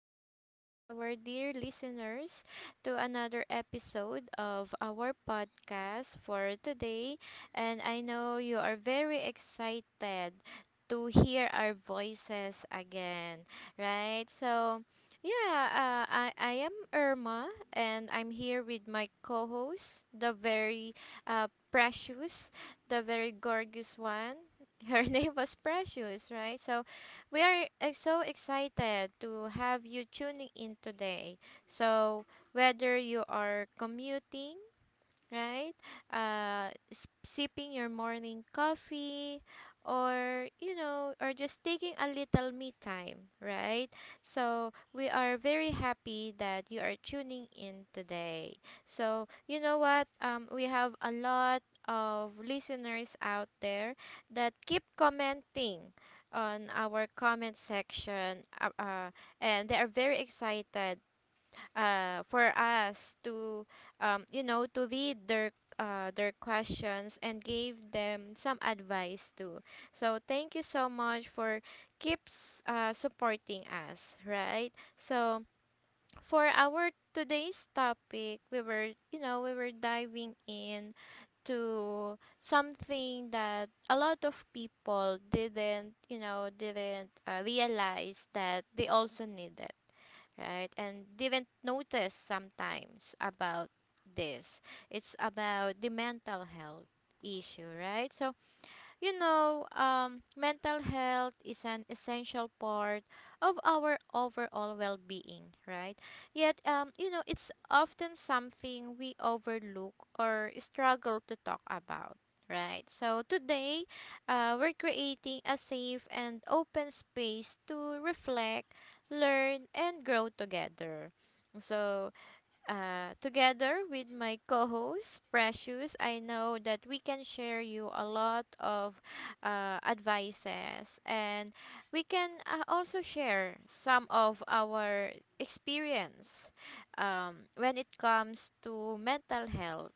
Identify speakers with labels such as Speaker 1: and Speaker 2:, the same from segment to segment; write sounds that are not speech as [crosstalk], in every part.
Speaker 1: welcome back, our dear listeners, to another episode of our podcast for today. And I know you are very excited to hear our voices again, right? So I am Irma and I'm here with my co host, the very precious, the very gorgeous one. [laughs] Her name was Precious, right? So, we are so excited to have you tuning in today. So, whether you are commuting, right? Sipping your morning coffee, or or just taking a little me time, right? So we are very happy that you are tuning in today. So you know what? We have a lot of listeners out there that keep commenting on our comment section, and they are very excited for us to to read their questions and gave them some advice too. So thank you so much for keeps supporting us, right? So for our today's topic, we were we were diving in to something that a lot of people didn't didn't realize that they also needed, right? And didn't notice sometimes about this. It's about the mental health issue, right? So mental health is an essential part of our overall well being, right? Yet, it's often something we overlook or struggle to talk about. Right, so today we're creating a safe and open space to reflect, learn, and grow together. So, together with my co host, Precious, I know that we can share you a lot of advices, and we can also share some of our experience when it comes to mental health.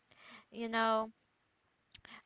Speaker 1: You know,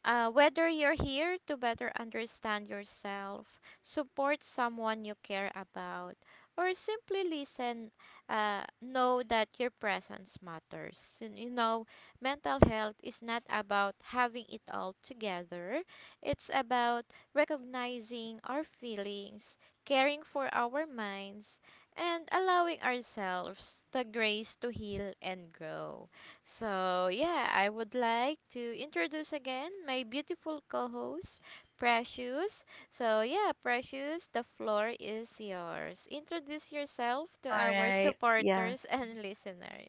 Speaker 1: Whether you're here to better understand yourself, support someone you care about, or simply listen, know that your presence matters. You know, mental health is not about having it all together, it's about recognizing our feelings, caring for our minds, and allowing ourselves the grace to heal and grow. So, yeah, I would like to introduce again my beautiful co host, Precious. So, yeah, Precious, the floor is yours. Introduce yourself to
Speaker 2: All
Speaker 1: our
Speaker 2: right. Yeah.
Speaker 1: supporters [laughs] and listeners.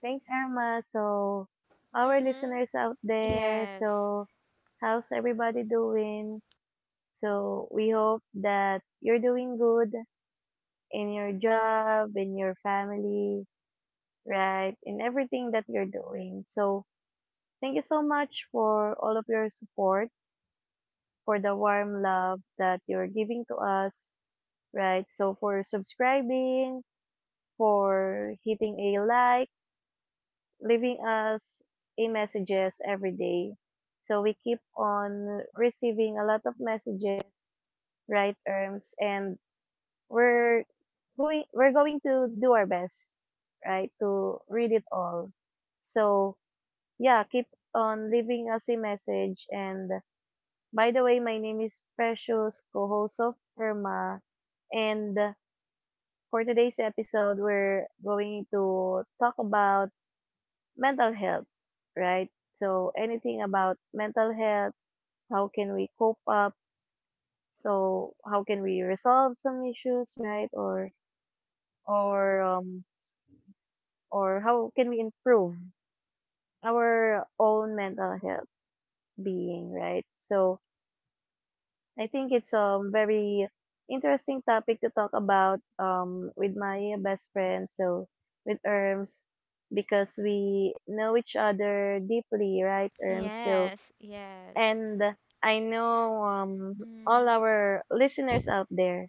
Speaker 2: Thanks, Irma. So, our
Speaker 1: Mm-hmm.
Speaker 2: listeners out there,
Speaker 1: Yes.
Speaker 2: so how's everybody doing? So, we hope that you're doing good in your job, in your family, right? In everything that you're doing. So, thank you so much for all of your support, for the warm love that you're giving to us, right? So, for subscribing, for hitting a like, leaving us a messages every day. So we keep on receiving a lot of messages, right, Erms? And we're we're going to do our best, right, to read it all. So yeah, keep on leaving us a message. And by the way, my name is Precious, co-host of Irma, and for today's episode, we're going to talk about mental health, right? So anything about mental health, how can we cope up? So how can we resolve some issues, right? Or or how can we improve our own mental health being, right? So I think it's a very interesting topic to talk about with my best friend, so with Erms because we know each other deeply, right, Erms? So
Speaker 1: Yes. Yes.
Speaker 2: and I know all
Speaker 1: Mm.
Speaker 2: our listeners out there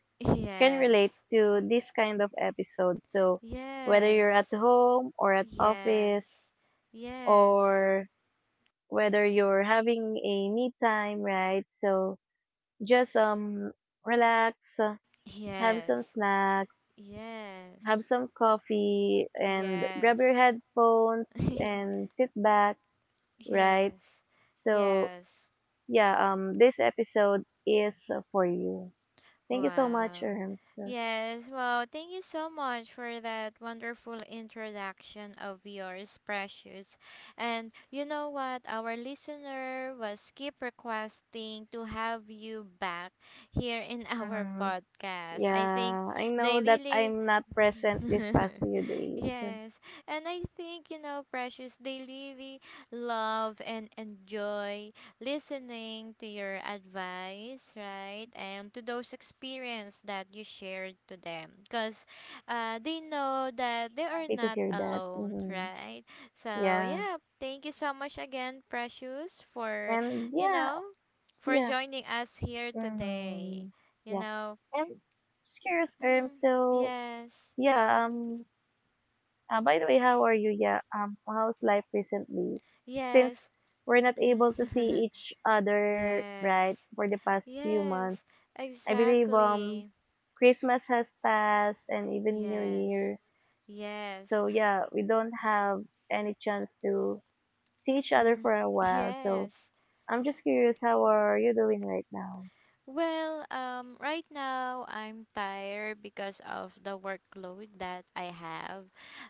Speaker 2: can
Speaker 1: Yes.
Speaker 2: relate to this kind of episode. So whether you're at
Speaker 1: Yes.
Speaker 2: home or at
Speaker 1: Yes.
Speaker 2: office
Speaker 1: Yes.
Speaker 2: or whether you're having a me time, right? So just relax, have
Speaker 1: Yes.
Speaker 2: some snacks, have
Speaker 1: Yes.
Speaker 2: some coffee and grab
Speaker 1: Yes.
Speaker 2: your headphones and sit back, right?
Speaker 1: Yes.
Speaker 2: So
Speaker 1: Yes.
Speaker 2: yeah, this episode is for you. Thank you so much,
Speaker 1: Wow.
Speaker 2: Erms.
Speaker 1: Yes. Wow. Thank you so much for that wonderful introduction of yours, Precious. And you know what? Our listener was keep requesting to have you back here in [laughs] our
Speaker 2: Mm.
Speaker 1: podcast. I think
Speaker 2: Yeah, I know
Speaker 1: they
Speaker 2: that
Speaker 1: really,
Speaker 2: I'm not present this past few
Speaker 1: [laughs]
Speaker 2: days.
Speaker 1: yes. And I think, you know, Precious, they really love and enjoy listening to your advice, right? And to those experience that you shared to them. Because they know that they are
Speaker 2: Happy to
Speaker 1: not
Speaker 2: hear that.
Speaker 1: alone,
Speaker 2: Hmm
Speaker 1: right? So,
Speaker 2: Yeah.
Speaker 1: yeah, thank you so much again, Precious, for,
Speaker 2: And
Speaker 1: you
Speaker 2: yeah,
Speaker 1: know, for
Speaker 2: yeah.
Speaker 1: joining us here
Speaker 2: hmm
Speaker 1: today. You
Speaker 2: Yeah.
Speaker 1: know,
Speaker 2: And just curious, Erms.
Speaker 1: mm,
Speaker 2: So,
Speaker 1: yes,
Speaker 2: yeah, uh, by the way, how are you? Yeah, how's life recently? Since
Speaker 1: yes,
Speaker 2: we're not
Speaker 1: mm,
Speaker 2: able to see each
Speaker 1: [laughs]
Speaker 2: other,
Speaker 1: yes,
Speaker 2: right, for the past few
Speaker 1: yes,
Speaker 2: months, I believe
Speaker 1: exactly,
Speaker 2: Christmas has passed and even New
Speaker 1: yes,
Speaker 2: Year.
Speaker 1: yes.
Speaker 2: So yeah, we don't have any chance to see each other
Speaker 1: Mhm.
Speaker 2: for a while. So
Speaker 1: Yes.
Speaker 2: I'm just curious, how are you doing right now?
Speaker 1: Well, right now I'm tired because of the workload that I have,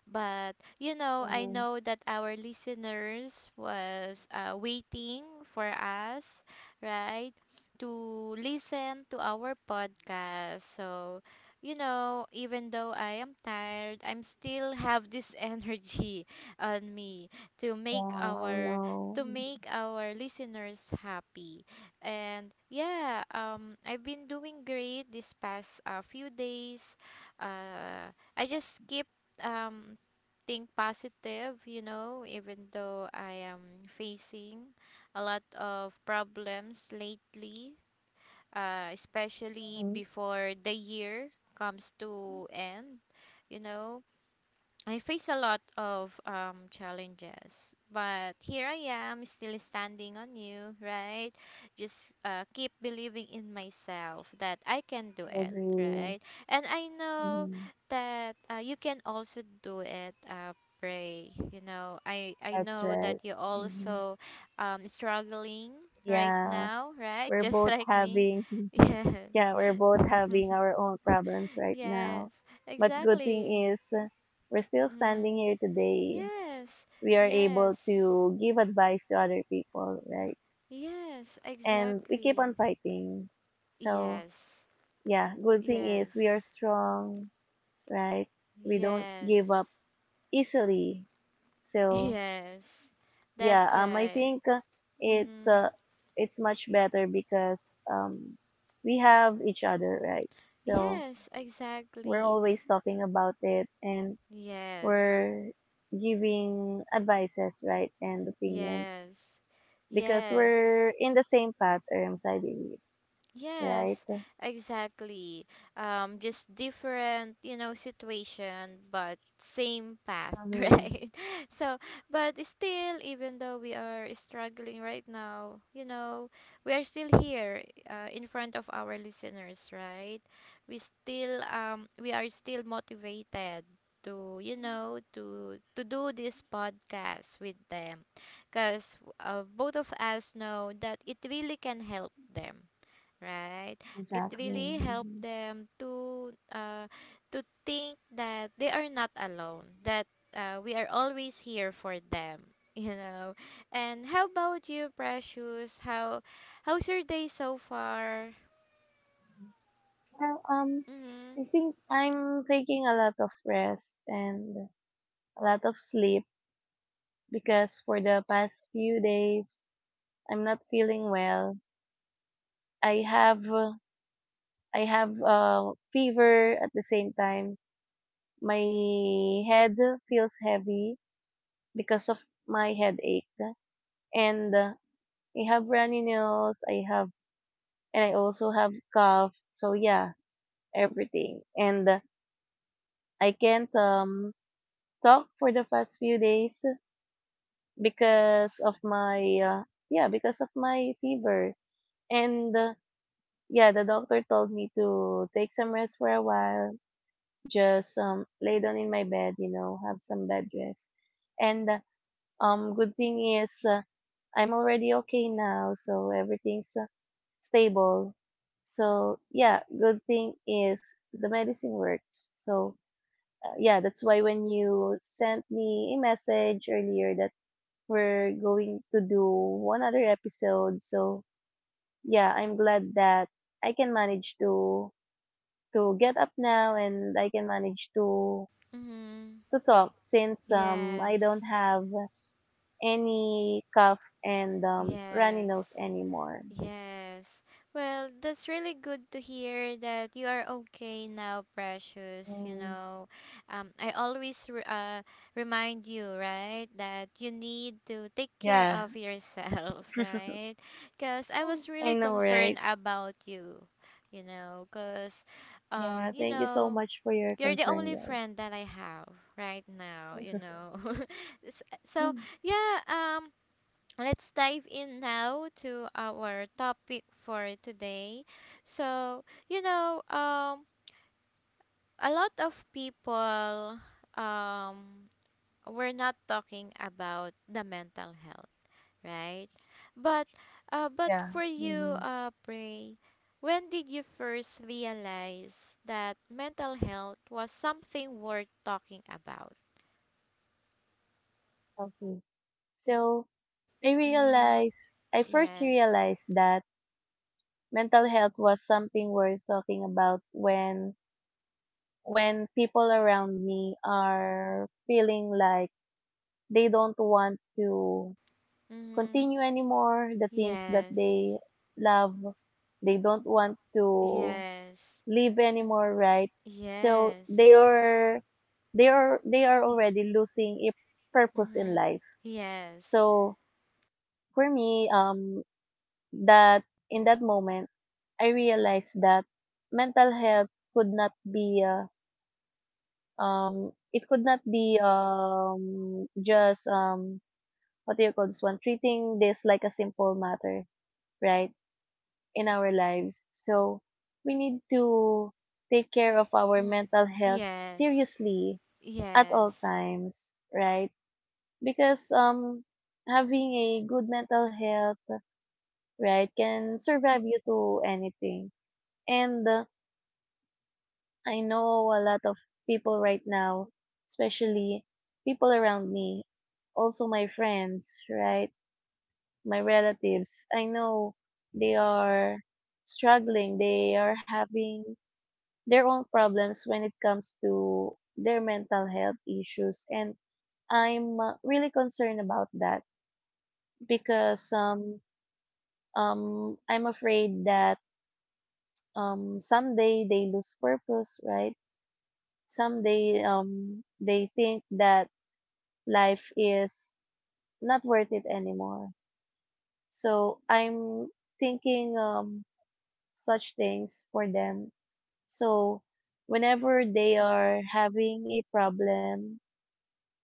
Speaker 1: but you know I
Speaker 2: Mm,
Speaker 1: know that our listeners was waiting for us, right, to listen to our podcast. So, you know, even though I am tired, I'm still have this [laughs] energy on me to
Speaker 2: yeah,
Speaker 1: make
Speaker 2: I
Speaker 1: our
Speaker 2: know.
Speaker 1: to make our listeners happy. And yeah, I've been doing great this past few days. Uh, I just keep um, think positive, you know, even though I am facing a lot of problems lately, especially
Speaker 2: Mm,
Speaker 1: before the year comes to end, you know. I face a lot of challenges, but here I am, still standing on you, right? Just keep believing in myself that I can
Speaker 2: I
Speaker 1: do it,
Speaker 2: agree.
Speaker 1: right? And I know
Speaker 2: Mm.
Speaker 1: that you can also do it. Pray, you know. I
Speaker 2: That's
Speaker 1: know that
Speaker 2: right.
Speaker 1: you
Speaker 2: Mm.
Speaker 1: also struggling right
Speaker 2: Yeah.
Speaker 1: now, right? [laughs]
Speaker 2: We're
Speaker 1: Just
Speaker 2: both
Speaker 1: like me,
Speaker 2: having, [laughs]
Speaker 1: yes,
Speaker 2: yeah, we're both
Speaker 1: [laughs]
Speaker 2: having our own problems right
Speaker 1: yes,
Speaker 2: now. But good
Speaker 1: exactly.
Speaker 2: thing is, we're still
Speaker 1: Mm.
Speaker 2: standing here today.
Speaker 1: Yes,
Speaker 2: We are able
Speaker 1: yes,
Speaker 2: to give advice to other people, right?
Speaker 1: yes,
Speaker 2: And we keep
Speaker 1: exactly.
Speaker 2: on fighting. So,
Speaker 1: Yes,
Speaker 2: yeah, good thing is we are
Speaker 1: yes,
Speaker 2: strong, right? We don't give up
Speaker 1: yes,
Speaker 2: easily.
Speaker 1: [laughs]
Speaker 2: So,
Speaker 1: yes.
Speaker 2: yeah,
Speaker 1: That's
Speaker 2: I
Speaker 1: right.
Speaker 2: think it's
Speaker 1: Mm-hmm.
Speaker 2: uh it's much better because we have each other, right? So
Speaker 1: Yes,
Speaker 2: we're
Speaker 1: exactly.
Speaker 2: always talking about it and
Speaker 1: Yes,
Speaker 2: we're giving advices, right, and opinions
Speaker 1: yes,
Speaker 2: because
Speaker 1: yes,
Speaker 2: we're in the same patterns, I believe, right?
Speaker 1: yes, exactly. Just different, you know, situation, but same path, [laughs]
Speaker 2: Mm-hmm.
Speaker 1: right? So, but still, even though we are struggling right now, you know, we are still here, in front of our listeners, right? We still, we are still motivated to, you know, to do this podcast with them, because both of us know that it really can help them, right? It
Speaker 2: Exactly.
Speaker 1: really helped
Speaker 2: hmm
Speaker 1: them to think that they are not alone, that we are always here for them, [laughs] you know. And how about you, Precious? How's your day so far?
Speaker 2: well, um
Speaker 1: Mhm.
Speaker 2: i think I'm taking a lot of rest and a lot of sleep because for the past few days I'm not feeling well. I have uh, I have fever at the same time. My head feels heavy because of my headache, and I have runny nose. I have and I also have cough. So yeah, everything, and I can't talk for the past few days because of my fever and. Yeah, the doctor told me to take some rest for a while, just lay down in my bed, you know, have some bed rest. And good thing is, I'm already okay now, so everything's stable. So yeah, good thing is the medicine works. So yeah, that's why when you sent me a message earlier that we're going to do one other episode, so yeah, I'm glad that I can manage to get up now and I can manage
Speaker 1: Mhm.
Speaker 2: to talk since I don't
Speaker 1: Yes.
Speaker 2: have any cough and runny
Speaker 1: Yes.
Speaker 2: nose anymore.
Speaker 1: Yes. Well, that's really good to hear that you are okay now, Precious. You
Speaker 2: Mm,
Speaker 1: know, I always remind you, right, that you need to take care
Speaker 2: yeah.
Speaker 1: of yourself, [laughs] right? Because I
Speaker 2: [laughs]
Speaker 1: was
Speaker 2: I
Speaker 1: really
Speaker 2: know,
Speaker 1: concerned
Speaker 2: right?
Speaker 1: about you, you know, because,
Speaker 2: Yeah,
Speaker 1: you
Speaker 2: thank you so
Speaker 1: know,
Speaker 2: much for your
Speaker 1: you're the
Speaker 2: concern,
Speaker 1: only friend
Speaker 2: guys.
Speaker 1: that I have right now, you know.
Speaker 2: [laughs]
Speaker 1: [laughs] So, yeah, let's dive in now to our topic for today. So, you know, a lot of people, um, we're not talking about the mental health, right? But, but
Speaker 2: yeah.
Speaker 1: for you,
Speaker 2: hmm
Speaker 1: Pray, when did you first realize that mental health was something worth talking about?
Speaker 2: Okay. So
Speaker 1: Mm,
Speaker 2: I first
Speaker 1: yes.
Speaker 2: realized that mental health was something worth talking about when people around me are feeling like they don't want to
Speaker 1: Mm,
Speaker 2: continue anymore the things that
Speaker 1: yes.
Speaker 2: they love. They don't want to
Speaker 1: Yes.
Speaker 2: live anymore, right? So
Speaker 1: Yes.
Speaker 2: they are already losing a purpose in
Speaker 1: Mm-hmm.
Speaker 2: life.
Speaker 1: Yes.
Speaker 2: So for me, that in that moment, I realized that mental health could not be it could not be just what do you call this one, treating this like a simple matter, right? In our lives. So we need to take care of our
Speaker 1: Mm.
Speaker 2: mental health
Speaker 1: Yes.
Speaker 2: seriously at all
Speaker 1: Yes.
Speaker 2: times, right? Because having a good mental health, right, can survive you to anything. And I know a lot of people right now, especially people around me, also my friends, right? My relatives. I know they are struggling. They are having their own problems when it comes to their mental health issues, and I'm really concerned about that because I'm afraid that someday they lose purpose, right? Someday they think that life is not worth it anymore. So I'm thinking such things for them. So whenever they are having a problem,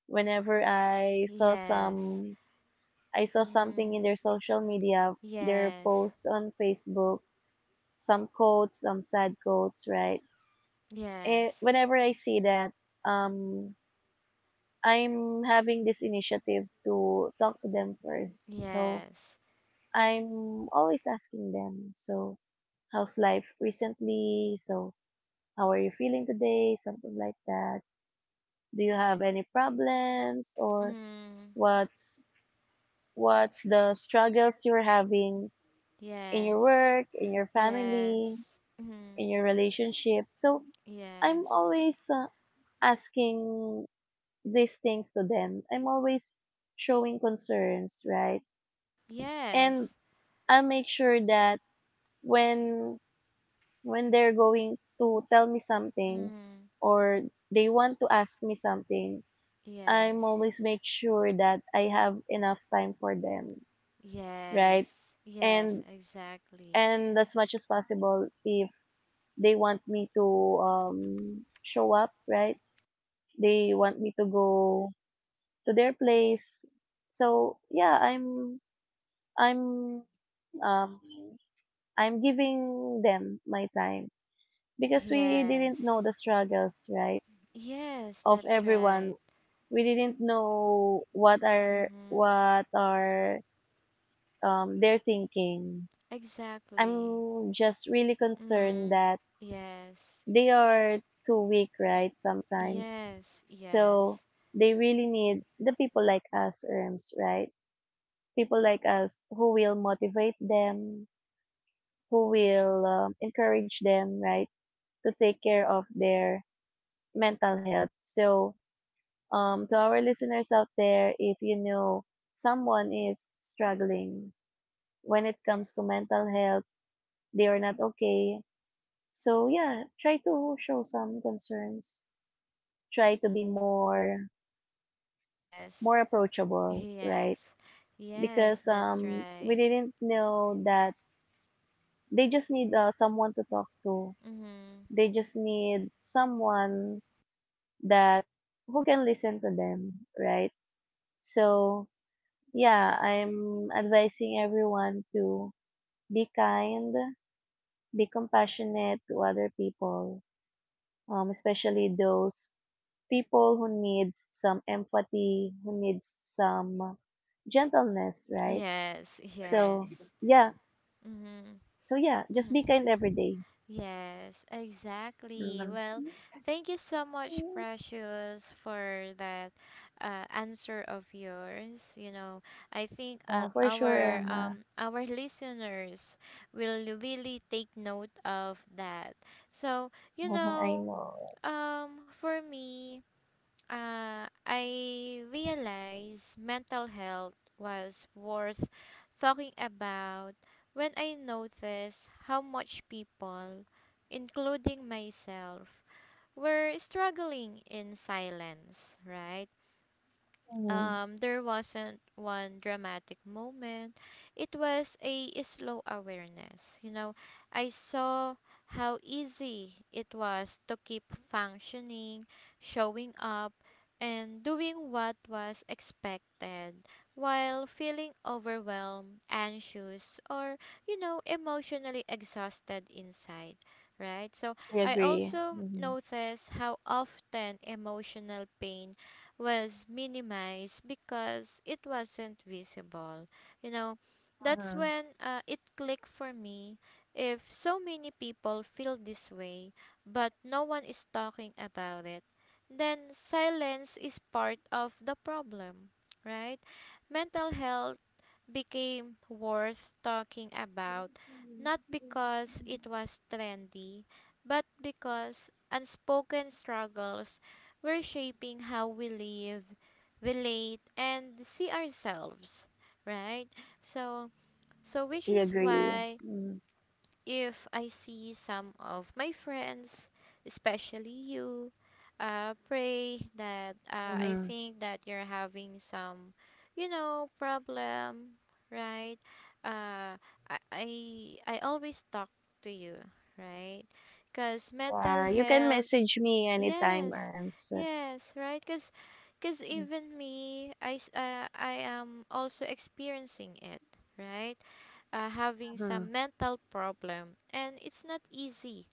Speaker 2: whenever I saw
Speaker 1: Yes.
Speaker 2: some I saw something
Speaker 1: Mm.
Speaker 2: in their social media, their
Speaker 1: Yes.
Speaker 2: posts on Facebook, some quotes, some sad quotes, right? Eh,
Speaker 1: Yes.
Speaker 2: whenever I see that, um, I'm having this initiative to talk to them first. So
Speaker 1: Yes.
Speaker 2: I'm always asking them, so how's life recently? So how are you feeling today? Something like that. Do you have any problems? Or
Speaker 1: Mm.
Speaker 2: what's what's the struggles you're having in your
Speaker 1: Yes.
Speaker 2: work, in your family,
Speaker 1: Yes.
Speaker 2: in
Speaker 1: Mm.
Speaker 2: your relationship? So I'm
Speaker 1: Yes.
Speaker 2: always asking these things to them. I'm always showing concerns, right? And
Speaker 1: Yes.
Speaker 2: I'll make sure that when when they're going to tell me something
Speaker 1: Mm.
Speaker 2: or they want to ask me something, I'm
Speaker 1: Yes.
Speaker 2: always make sure that I have enough time for them, right?
Speaker 1: Yes. Yes,
Speaker 2: And
Speaker 1: exactly.
Speaker 2: and as much as possible, if they want me to show up, right, they want me to go to their place, so yeah, I'm um I'm giving them my time because we didn't know the
Speaker 1: Yes.
Speaker 2: struggles, right,
Speaker 1: Yes,
Speaker 2: of
Speaker 1: that's
Speaker 2: everyone.
Speaker 1: right.
Speaker 2: we didn't know what are
Speaker 1: Mm-hmm.
Speaker 2: what are um their thinking.
Speaker 1: Exactly.
Speaker 2: I'm just really concerned
Speaker 1: Mm,
Speaker 2: that
Speaker 1: yes,
Speaker 2: they are too weak, right? Sometimes.
Speaker 1: yes,
Speaker 2: So
Speaker 1: yes,
Speaker 2: they really need the people like us, ERMs, right? People like us who will motivate them, who will encourage them, right? To take care of their mental health. So, to our listeners out there, if you know someone is struggling when it comes to mental health, they are not okay. So, yeah, try to show some concerns. Try to be
Speaker 1: yes,
Speaker 2: more
Speaker 1: [laughs]
Speaker 2: approachable,
Speaker 1: yes,
Speaker 2: right?
Speaker 1: yes,
Speaker 2: Because
Speaker 1: that's
Speaker 2: we
Speaker 1: right.
Speaker 2: didn't know that they just need someone to talk to.
Speaker 1: Mm-hmm.
Speaker 2: They just need someone that who can listen to them, right? So, yeah, I'm advising everyone to be kind, be compassionate to other people, especially those people who needs some empathy, who needs some gentleness, right?
Speaker 1: Yes,
Speaker 2: So,
Speaker 1: yes.
Speaker 2: yeah,
Speaker 1: Mm-hmm.
Speaker 2: so yeah, just
Speaker 1: Mm-hmm.
Speaker 2: be kind every day.
Speaker 1: Yes, exactly.
Speaker 2: Mm,
Speaker 1: Well, thank you so much, Precious, for that answer of yours. You know, I think uh,
Speaker 2: yeah, for sure,
Speaker 1: our
Speaker 2: Emma.
Speaker 1: um our listeners will really take note of that. So, you
Speaker 2: Mhm, I
Speaker 1: know,
Speaker 2: know.
Speaker 1: um, for me, I realized mental health was worth talking about when I noticed how much people, including myself, were struggling in silence, right?
Speaker 2: Mm,
Speaker 1: There wasn't one dramatic moment. It was a slow awareness. You know, I saw how easy it was to keep functioning, showing up, and doing what was expected while feeling overwhelmed, anxious, or, you know, emotionally exhausted inside. Right? So
Speaker 2: I
Speaker 1: I
Speaker 2: agree.
Speaker 1: also
Speaker 2: Mm-hmm.
Speaker 1: noticed how often emotional pain was minimized because it wasn't visible. You know, that's
Speaker 2: Mm-hmm.
Speaker 1: when it clicked for me. If so many people feel this way, but no one is talking about it, then silence is part of the problem, right? Mental health became worth talking about not because it was trendy, but because unspoken struggles were shaping how we live, relate, and see ourselves, right? So, so, which
Speaker 2: I
Speaker 1: is
Speaker 2: agree.
Speaker 1: why if I see some of my friends, especially you, pray that I
Speaker 2: Mm-hmm.
Speaker 1: think that you're having some, you know, problem, right? Uh, I always talk to you, right? Because mental
Speaker 2: Yeah, you can
Speaker 1: health,
Speaker 2: message me anytime,
Speaker 1: yes,
Speaker 2: Erms.
Speaker 1: yes, right? Because even me I am also experiencing it, right, having
Speaker 2: Mm-hmm.
Speaker 1: some mental problem, and it's not easy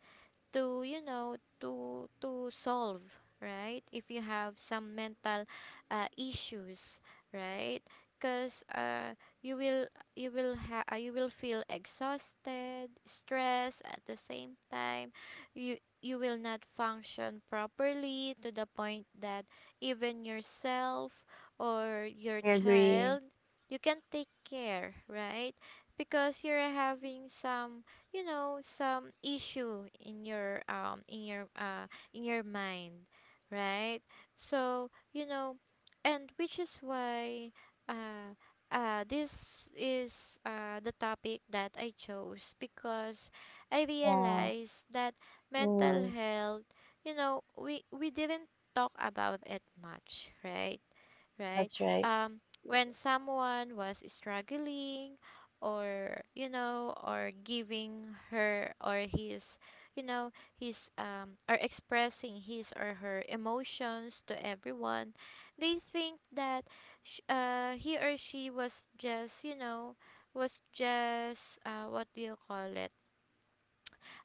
Speaker 1: to to solve, right? If you have some mental issues, right? Because you will you will feel exhausted, stressed, at the same time you will not function properly, to the point that even yourself or your
Speaker 2: I agree.
Speaker 1: child you can take care, right? Because you're having some, you know, some issue in your in your mind, right? So you know, and which is why uh this is the topic that I chose, because I
Speaker 2: Yeah.
Speaker 1: realized that mental
Speaker 2: Mm,
Speaker 1: health, you know, we didn't talk about it much, right?
Speaker 2: that's
Speaker 1: Right?
Speaker 2: right.
Speaker 1: Um, when someone was struggling, or you know, or giving her or his, you know, his or expressing his or her emotions to everyone, they think that he or she was just, you know, was just what do you call it,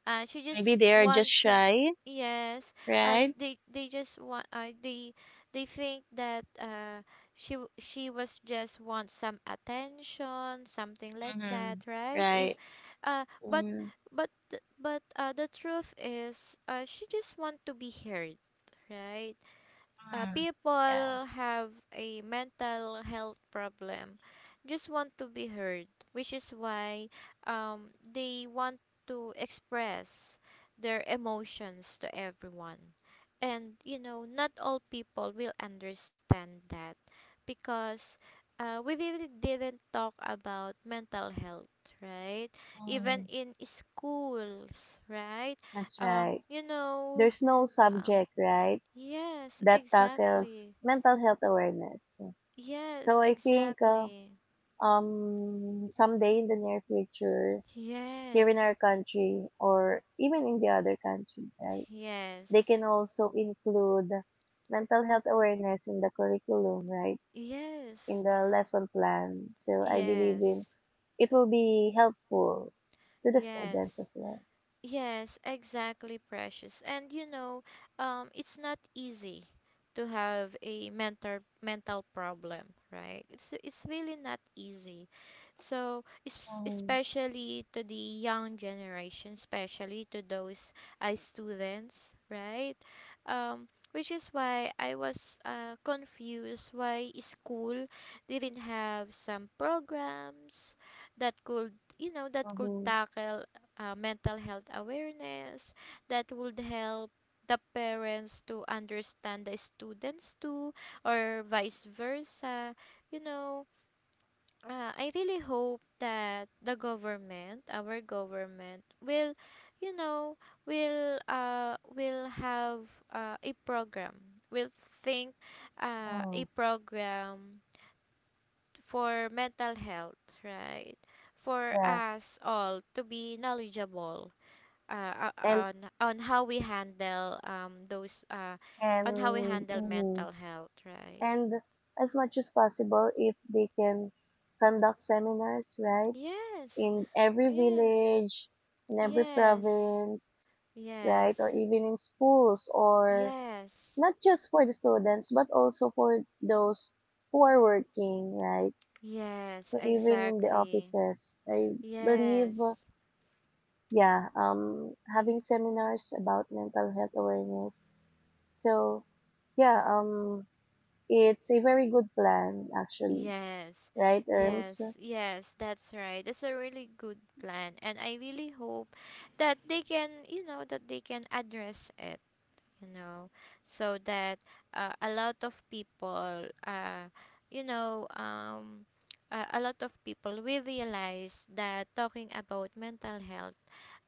Speaker 1: she just
Speaker 2: Maybe they are
Speaker 1: want
Speaker 2: just
Speaker 1: to,
Speaker 2: shy,
Speaker 1: yes, uh,
Speaker 2: right?
Speaker 1: they they just want they they think that she was just want some attention, something like that,
Speaker 2: Mm-hmm.
Speaker 1: right? if
Speaker 2: Right.
Speaker 1: but
Speaker 2: Mm,
Speaker 1: but th- but The truth is she just want to be heard, right.
Speaker 2: yeah.
Speaker 1: People have a mental health problem just want to be heard, which is why they want to express their emotions to everyone, and you know, not all people will understand that, because we really didn't talk about mental health, right? Even
Speaker 2: Mm,
Speaker 1: in schools, right?
Speaker 2: that's right.
Speaker 1: You know,
Speaker 2: There's no
Speaker 1: um,
Speaker 2: subject, right,
Speaker 1: yes,
Speaker 2: that tackles
Speaker 1: exactly.
Speaker 2: mental health awareness.
Speaker 1: Yes,
Speaker 2: So I think
Speaker 1: exactly.
Speaker 2: someday in the near future, here in
Speaker 1: Yes.
Speaker 2: our country or even in the other country, right, they can
Speaker 1: Yes.
Speaker 2: also include mental health awareness in the curriculum, right, in
Speaker 1: Yes.
Speaker 2: the lesson plan. So I believe in
Speaker 1: Yes.
Speaker 2: it will be helpful to the students
Speaker 1: Yes.
Speaker 2: as well.
Speaker 1: Yes, exactly, precious. And you know, it's not easy to have a mental problem, right? It's really not easy. So,
Speaker 2: Mm-hmm.
Speaker 1: especially to the young generation, especially to those students, right? Which is why I was confused why school didn't have some programs that could, you know, that could
Speaker 2: Mm-hmm.
Speaker 1: tackle mental health awareness that would help the parents to understand the students too, or vice versa. You know, I really hope that the government our government will, you know, will have a program, will think a
Speaker 2: Mm,
Speaker 1: program for mental health, right? For
Speaker 2: yeah.
Speaker 1: us all to be knowledgeable
Speaker 2: and
Speaker 1: on how we handle those on how we
Speaker 2: and
Speaker 1: handle
Speaker 2: mhm.
Speaker 1: mental health, right?
Speaker 2: and as much as possible, if they can conduct seminars, right,
Speaker 1: Yes.
Speaker 2: in every
Speaker 1: Yes.
Speaker 2: village, in every
Speaker 1: Yes.
Speaker 2: province, right, or
Speaker 1: Yes.
Speaker 2: even in schools or
Speaker 1: Yes.
Speaker 2: not just for the students but also for those who are working, right?
Speaker 1: Yes,
Speaker 2: So even in the
Speaker 1: exactly.
Speaker 2: offices, I believe,
Speaker 1: Yes.
Speaker 2: yeah, having seminars about mental health awareness. So yeah, it's a very good plan actually,
Speaker 1: Yes.
Speaker 2: right, Arms?
Speaker 1: Yes. Yes, that's right. That's a really good plan, and I really hope that they can, you know, that they can address it, you know, so that a lot of people you know a lot of people will realize that talking about mental health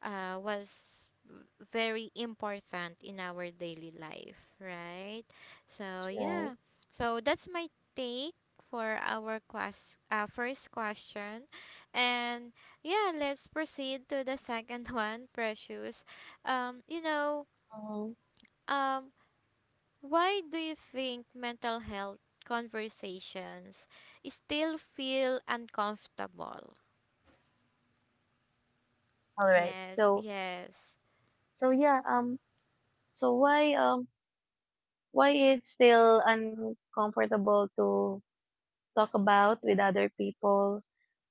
Speaker 1: was very important in our daily life, right? So
Speaker 2: That's right.
Speaker 1: yeah, so that's my take for our quest first question. And yeah, let's proceed to the second [laughs] one, precious. um you know
Speaker 2: Mhm.
Speaker 1: um why do you think mental health conversations still feel uncomfortable?
Speaker 2: All right.
Speaker 1: Yes,
Speaker 2: So
Speaker 1: yes,
Speaker 2: so yeah, so why it's still uncomfortable to talk about with other people.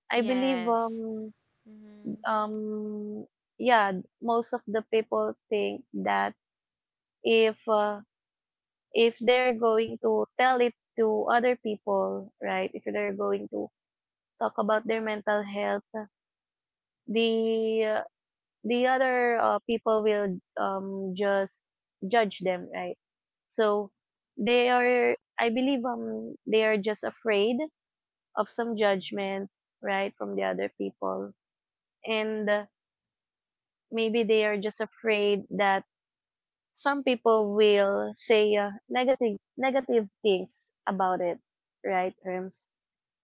Speaker 2: i believe
Speaker 1: yes.
Speaker 2: um
Speaker 1: Mm-hmm.
Speaker 2: um yeah, most of the people think that if uh, if they're going to tell it to other people, right, if they're going to talk about their mental health, the the other people will just judge them, right? So they are, I believe, they are just afraid of some judgments, right, from the other people. And maybe they are just afraid that some people will say negative things about it, right, Terms?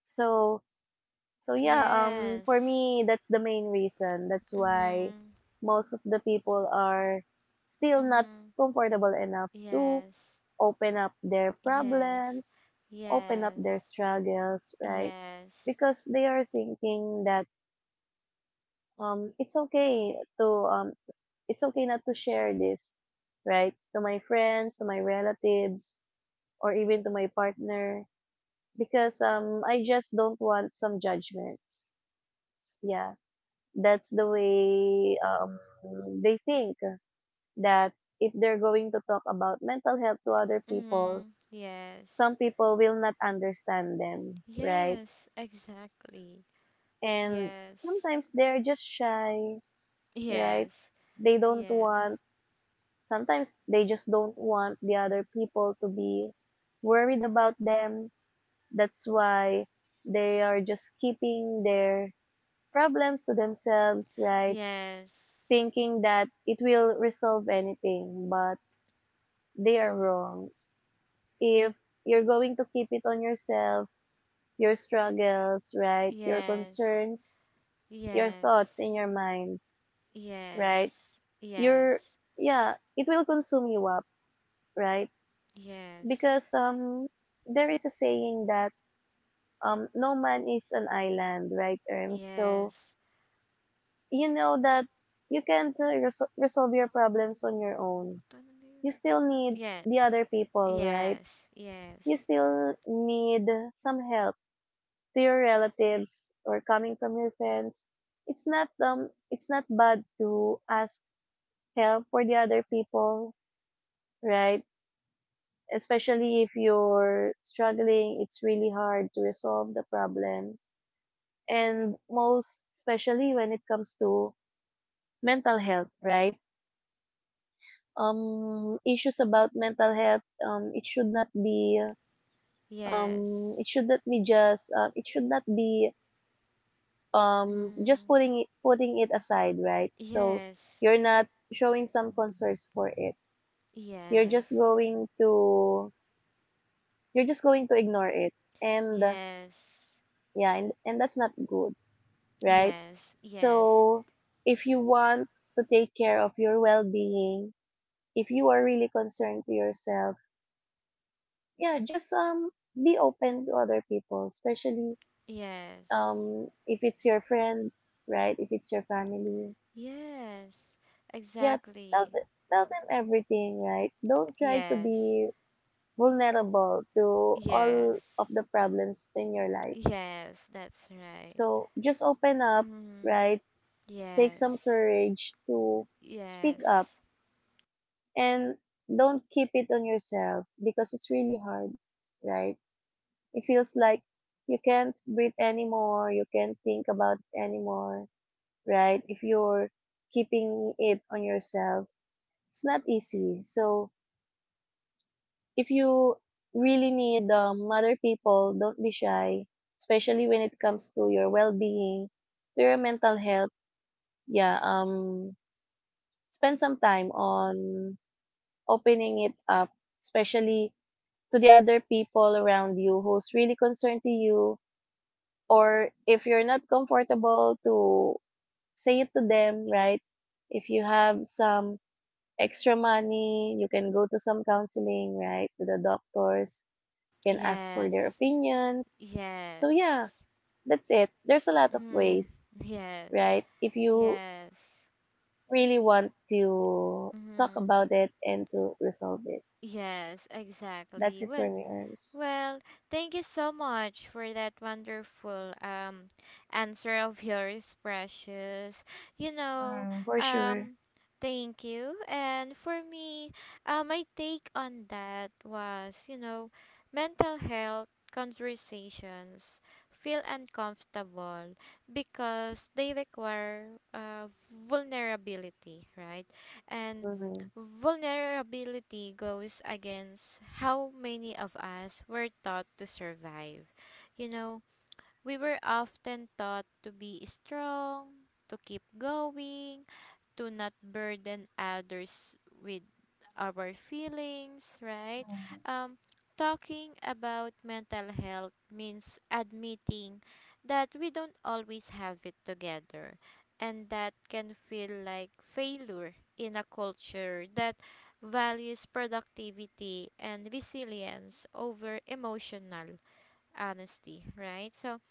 Speaker 2: So so yeah, for
Speaker 1: Yes.
Speaker 2: me that's the main reason. That's why
Speaker 1: Mm-hmm.
Speaker 2: most of the people are still not
Speaker 1: Mm-hmm.
Speaker 2: comfortable enough to
Speaker 1: Yes,
Speaker 2: open up their
Speaker 1: yes,
Speaker 2: problems, open up
Speaker 1: yes,
Speaker 2: their struggles, right?
Speaker 1: yes.
Speaker 2: Because they are thinking that um it's okay to um it's okay not to share this, right? To my friends, to my relatives, or even to my partner because I just don't want some judgments. Yeah, that's the way they think that if they're going to talk about mental health to other people,
Speaker 1: Mm-hmm.
Speaker 2: some
Speaker 1: Yes,
Speaker 2: people will not understand them, right?
Speaker 1: yes, exactly.
Speaker 2: And
Speaker 1: Yes,
Speaker 2: sometimes they're just shy, right?
Speaker 1: yes,
Speaker 2: They don't
Speaker 1: yes,
Speaker 2: want, sometimes they just don't want the other people to be worried about them. That's why they are just keeping their problems to themselves, right?
Speaker 1: yes,
Speaker 2: Thinking that it will resolve anything, but they are wrong. If you're going to keep it on yourself, your struggles, right? Your
Speaker 1: yes.
Speaker 2: concerns, your thoughts
Speaker 1: Yes.
Speaker 2: in your minds, right?
Speaker 1: Yes.
Speaker 2: Your,
Speaker 1: Yes.
Speaker 2: yeah, it will consume you up, right?
Speaker 1: Yes.
Speaker 2: Because, there is a saying that, no man is an island, right, Erms? So,
Speaker 1: Yes.
Speaker 2: you know that you can't resolve your problems on your own.
Speaker 1: Tanınıyor.
Speaker 2: You still need the
Speaker 1: Yes.
Speaker 2: other people, right?
Speaker 1: Yes.
Speaker 2: You
Speaker 1: Yes.
Speaker 2: still need some help to your relatives or coming from your friends. It's not it's not bad to ask help for the other people, right? Especially if you're struggling, it's really hard to resolve the problem, and most especially when it comes to mental health, right? Issues about mental health it should not be it
Speaker 1: Yes.
Speaker 2: should not be just it should not be just
Speaker 1: Mm.
Speaker 2: putting it aside, right? So
Speaker 1: Yes.
Speaker 2: you're not showing some concerns for it, you're
Speaker 1: Yes.
Speaker 2: just going to you're just going to ignore it, and
Speaker 1: Yes.
Speaker 2: yeah, and that's not good, right?
Speaker 1: Yes. Yes.
Speaker 2: So if you want to take care of your well-being, if you are really concerned to yourself, yeah, just be open to other people, especially
Speaker 1: Yes.
Speaker 2: if it's your friends, right? If it's your family.
Speaker 1: Yes.
Speaker 2: Yeah, tell
Speaker 1: Exactly.
Speaker 2: them, tell them everything, right? Don't try to
Speaker 1: Yes.
Speaker 2: be vulnerable to all of
Speaker 1: Yes.
Speaker 2: the problems in your life.
Speaker 1: Yes, that's right.
Speaker 2: So just open up,
Speaker 1: Mm.
Speaker 2: right? Take
Speaker 1: Yes.
Speaker 2: some courage to speak up,
Speaker 1: Yes.
Speaker 2: and don't keep it on yourself because it's really hard, right? It feels like you can't breathe anymore, you can't think about it anymore, right? If you're keeping it on yourself, it's not easy. So if you really need other people, don't be shy, especially when it comes to your well-being, to your mental health. Yeah, spend some time on opening it up, especially to the other people around you who's really concerned to you, or if you're not comfortable to say it to them, right? If you have some extra money, you can go to some counseling, right? To the doctors can ask for their
Speaker 1: Yes.
Speaker 2: opinions. So yeah,
Speaker 1: Yes.
Speaker 2: that's it. There's a lot of
Speaker 1: Mm.
Speaker 2: ways,
Speaker 1: Yes.
Speaker 2: right? If you
Speaker 1: Yes.
Speaker 2: really want to talk
Speaker 1: Mm.
Speaker 2: about it and to resolve it.
Speaker 1: Yes,
Speaker 2: That's
Speaker 1: exactly.
Speaker 2: it for
Speaker 1: Well,
Speaker 2: me, Arms.
Speaker 1: Well, thank you so much for that wonderful answer of [laughs] yours, precious. You know,
Speaker 2: Mm, for sure.
Speaker 1: um Thank you. And for me, my take on that was, you know, mental health conversations feel uncomfortable because they require vulnerability, right? And
Speaker 2: Mm-hmm.
Speaker 1: vulnerability goes against how many of us were taught to survive. You know, we were often taught to be strong, to keep going, to not burden others with our feelings, right? Um, Talking about mental health means admitting that we don't always have it together, and that can feel like failure in a culture that values productivity and resilience over emotional honesty, right? So,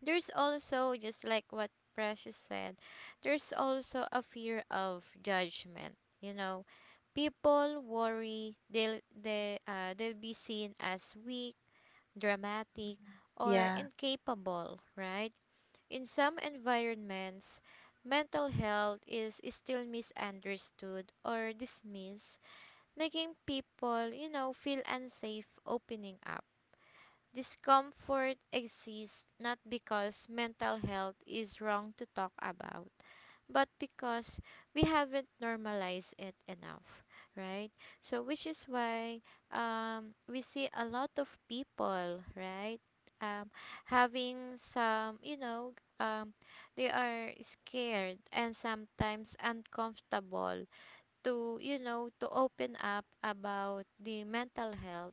Speaker 1: there's also, just like what precious said, there's also a fear of judgment, you know. People worry they'll be seen as weak, dramatic, or
Speaker 2: Yeah,
Speaker 1: incapable, right? In some environments mental health is still misunderstood or dismissed, making people, you know, feel unsafe opening up. Discomfort exists not because mental health is wrong to talk about, but because we haven't normalized it enough, right? So, which is why we see a lot of people, right? Um, Having some, you know, um, they are scared and sometimes uncomfortable to, you know, to open up about the mental health,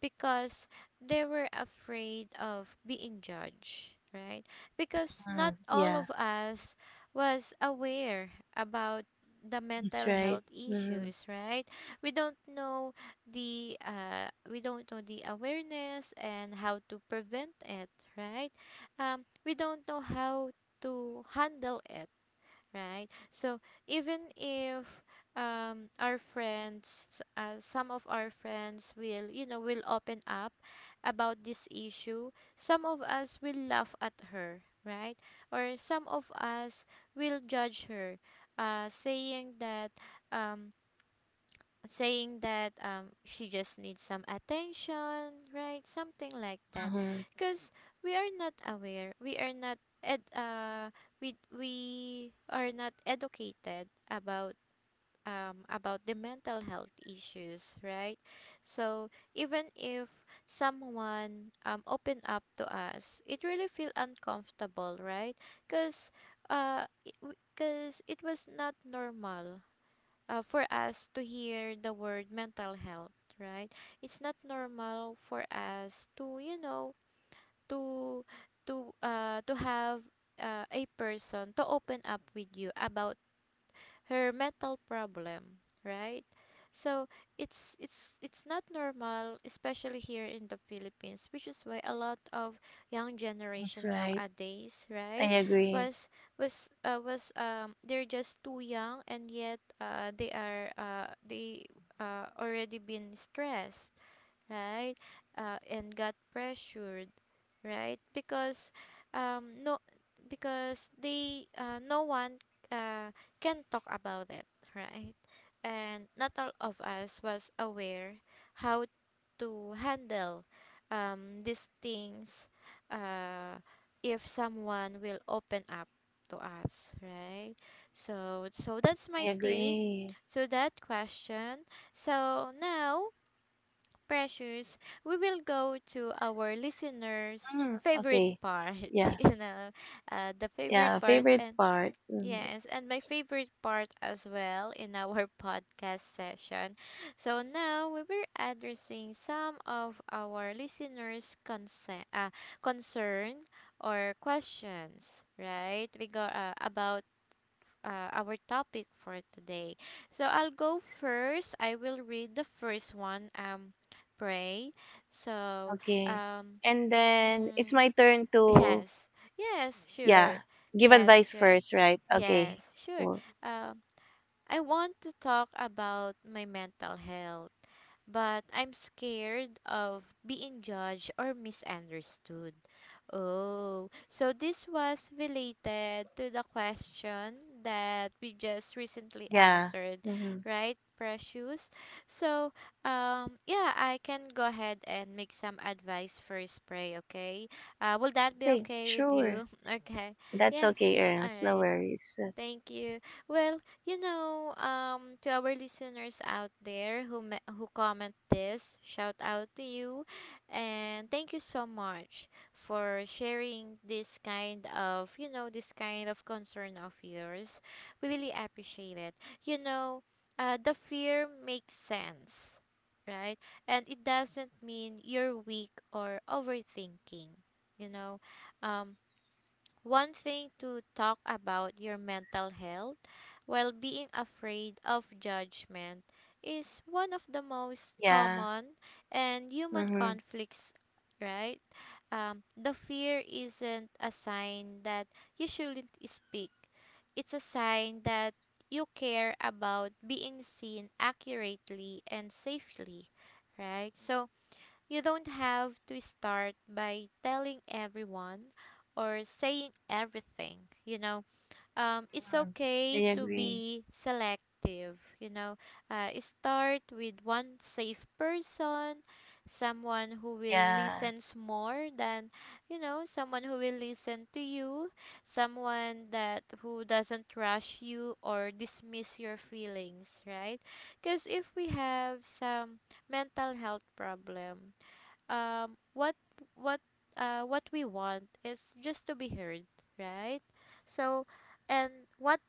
Speaker 1: because they were afraid of being judged, right? Because not
Speaker 2: mm,
Speaker 1: all of
Speaker 2: yeah,
Speaker 1: us was aware about the
Speaker 2: that's
Speaker 1: mental health
Speaker 2: right. Mm-hmm.
Speaker 1: issues, right? We don't know we don't know the awareness and how to prevent it, right? We don't know how to handle it, right? So even if our friends, some of our friends will, you know, will open up about this issue, some of us will laugh at her, right? Or some of us will judge her, uh, saying that um, saying that she just needs some attention, right? Something like that,
Speaker 2: Mm-hmm.
Speaker 1: because we are not aware. We are not educated about the mental health issues, right? So even if someone open up to us, it really feel uncomfortable, right? Because uh, because it was not normal for us to hear the word mental health, right? It's not normal for us to, you know, to to have a person to open up with you about her mental problem, right? So it's not normal, especially here in the Philippines, which is why a lot of young
Speaker 2: That's
Speaker 1: generation
Speaker 2: right.
Speaker 1: nowadays, right,
Speaker 2: I agree.
Speaker 1: was was they're just too young, and yet they are they already been stressed, right? And got pressured, right? Because um, no, because they no one uh, can talk about it, right? And not all of us was aware how to handle these things, uh, if someone will open up to us, right? So that's my
Speaker 2: I
Speaker 1: take
Speaker 2: agree.
Speaker 1: to that question. So now precious, we will go to our listeners'
Speaker 2: Mm,
Speaker 1: favorite
Speaker 2: okay.
Speaker 1: part. [laughs]
Speaker 2: Yeah,
Speaker 1: You know, the favorite
Speaker 2: yeah,
Speaker 1: part,
Speaker 2: favorite
Speaker 1: and
Speaker 2: part. Mm,
Speaker 1: yes, and my favorite part as well in our [laughs] podcast session. So now we were addressing some of our listeners' concern or questions, right? We go about our topic for today. So I'll go first. I will read the first one. Pray. So
Speaker 2: okay.
Speaker 1: um,
Speaker 2: And then it's
Speaker 1: mm,
Speaker 2: my turn
Speaker 1: [laughs]
Speaker 2: to.
Speaker 1: yes, yes,
Speaker 2: Yeah.
Speaker 1: sure,
Speaker 2: Give
Speaker 1: yes,
Speaker 2: advice
Speaker 1: sure,
Speaker 2: first, right?
Speaker 1: yes,
Speaker 2: Okay.
Speaker 1: sure.
Speaker 2: Well,
Speaker 1: Um, I want to talk about my mental health but I'm scared of being judged or misunderstood. Oh, so this was related to the question that we just recently
Speaker 2: yeah.
Speaker 1: answered,
Speaker 2: Mm-hmm.
Speaker 1: right, Precious? So, yeah, I can go ahead and make some advice for spray, okay? Will that be
Speaker 2: Okay.
Speaker 1: okay with
Speaker 2: Sure.
Speaker 1: you? [laughs] Okay,
Speaker 2: That's
Speaker 1: yeah,
Speaker 2: okay,
Speaker 1: all
Speaker 2: Erms. No
Speaker 1: right.
Speaker 2: worries.
Speaker 1: Thank you. Well, you know, to our listeners out there who who comment this, shout out to you, and thank you so much for sharing this kind of, you know, this kind of concern of yours. We really appreciate it. You know, the fear makes sense, right? And it doesn't mean you're weak or overthinking. You know, um, one thing to talk about your mental health while being afraid of judgment is one of the most
Speaker 2: Yeah.
Speaker 1: common and human
Speaker 2: Mm-hmm.
Speaker 1: conflicts, right? The fear isn't a sign that you shouldn't speak, it's a sign that you care about being seen accurately and safely, right? So, you don't have to start by telling everyone or saying everything, you know. It's
Speaker 2: I
Speaker 1: okay to
Speaker 2: agree.
Speaker 1: be selective, you know. Start with one safe person, someone who will
Speaker 2: Yeah.
Speaker 1: listen more than, you know, someone who will listen to you, someone that who doesn't rush you or dismiss your feelings, right? Because if we have some mental health problem, um what what what we want is just to be heard, right? So, and what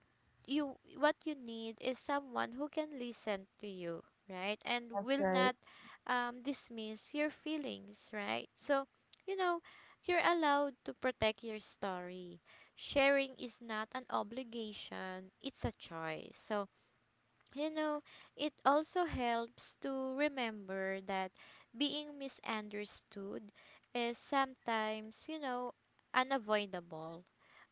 Speaker 1: what you need is someone who can listen to you, right, and
Speaker 2: That's
Speaker 1: will
Speaker 2: right.
Speaker 1: not dismiss your feelings, right? So you know, you're allowed to protect your story. Sharing is not an obligation, it's a choice. So you know, it also helps to remember that being misunderstood is sometimes, you know, unavoidable,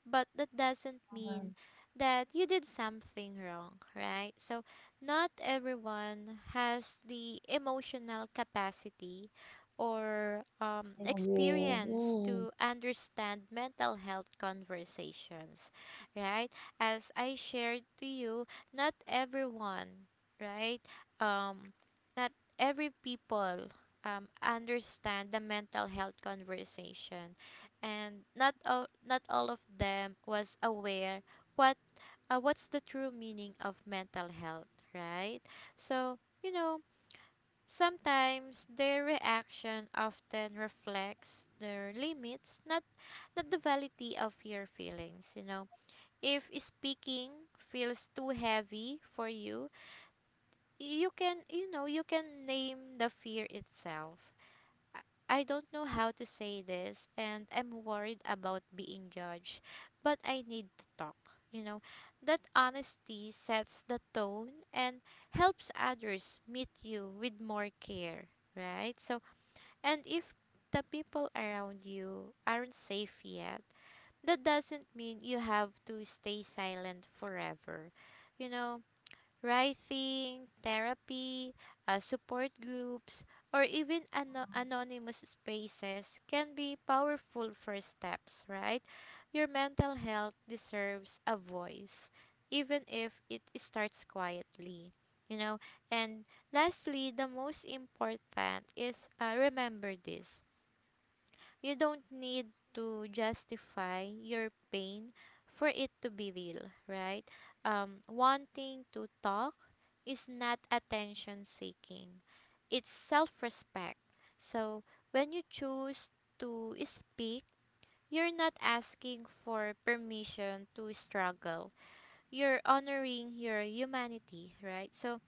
Speaker 1: but that doesn't
Speaker 2: Mm-hmm.
Speaker 1: mean that you did something wrong, right? So, not everyone has the emotional capacity or
Speaker 2: I agree.
Speaker 1: experience
Speaker 2: Mm,
Speaker 1: to understand mental health conversations, right? As I shared to you, not everyone, right? Um, not every people understand the mental health conversation, and not all of them was aware what what's the true meaning of mental health, right? So, you know, sometimes their reaction often reflects their limits, not the validity of your feelings, you know. If speaking feels too heavy for you, you can, you know, you can name the fear itself. I don't know how to say this and I'm worried about being judged, but I need to talk. You know, that honesty sets the tone and helps others meet you with more care, right? So, and if the people around you aren't safe yet, that doesn't mean you have to stay silent forever. You know, writing, therapy, support groups, or even anonymous spaces can be powerful first steps, right? Your mental health deserves a voice, even if it starts quietly. You know, and lastly, the most important is, remember this: you don't need to justify your pain for it to be real, right? Wanting to talk is not attention seeking, it's self respect. So, when you choose to speak, you're not asking for permission to struggle, you're honoring your humanity, right? So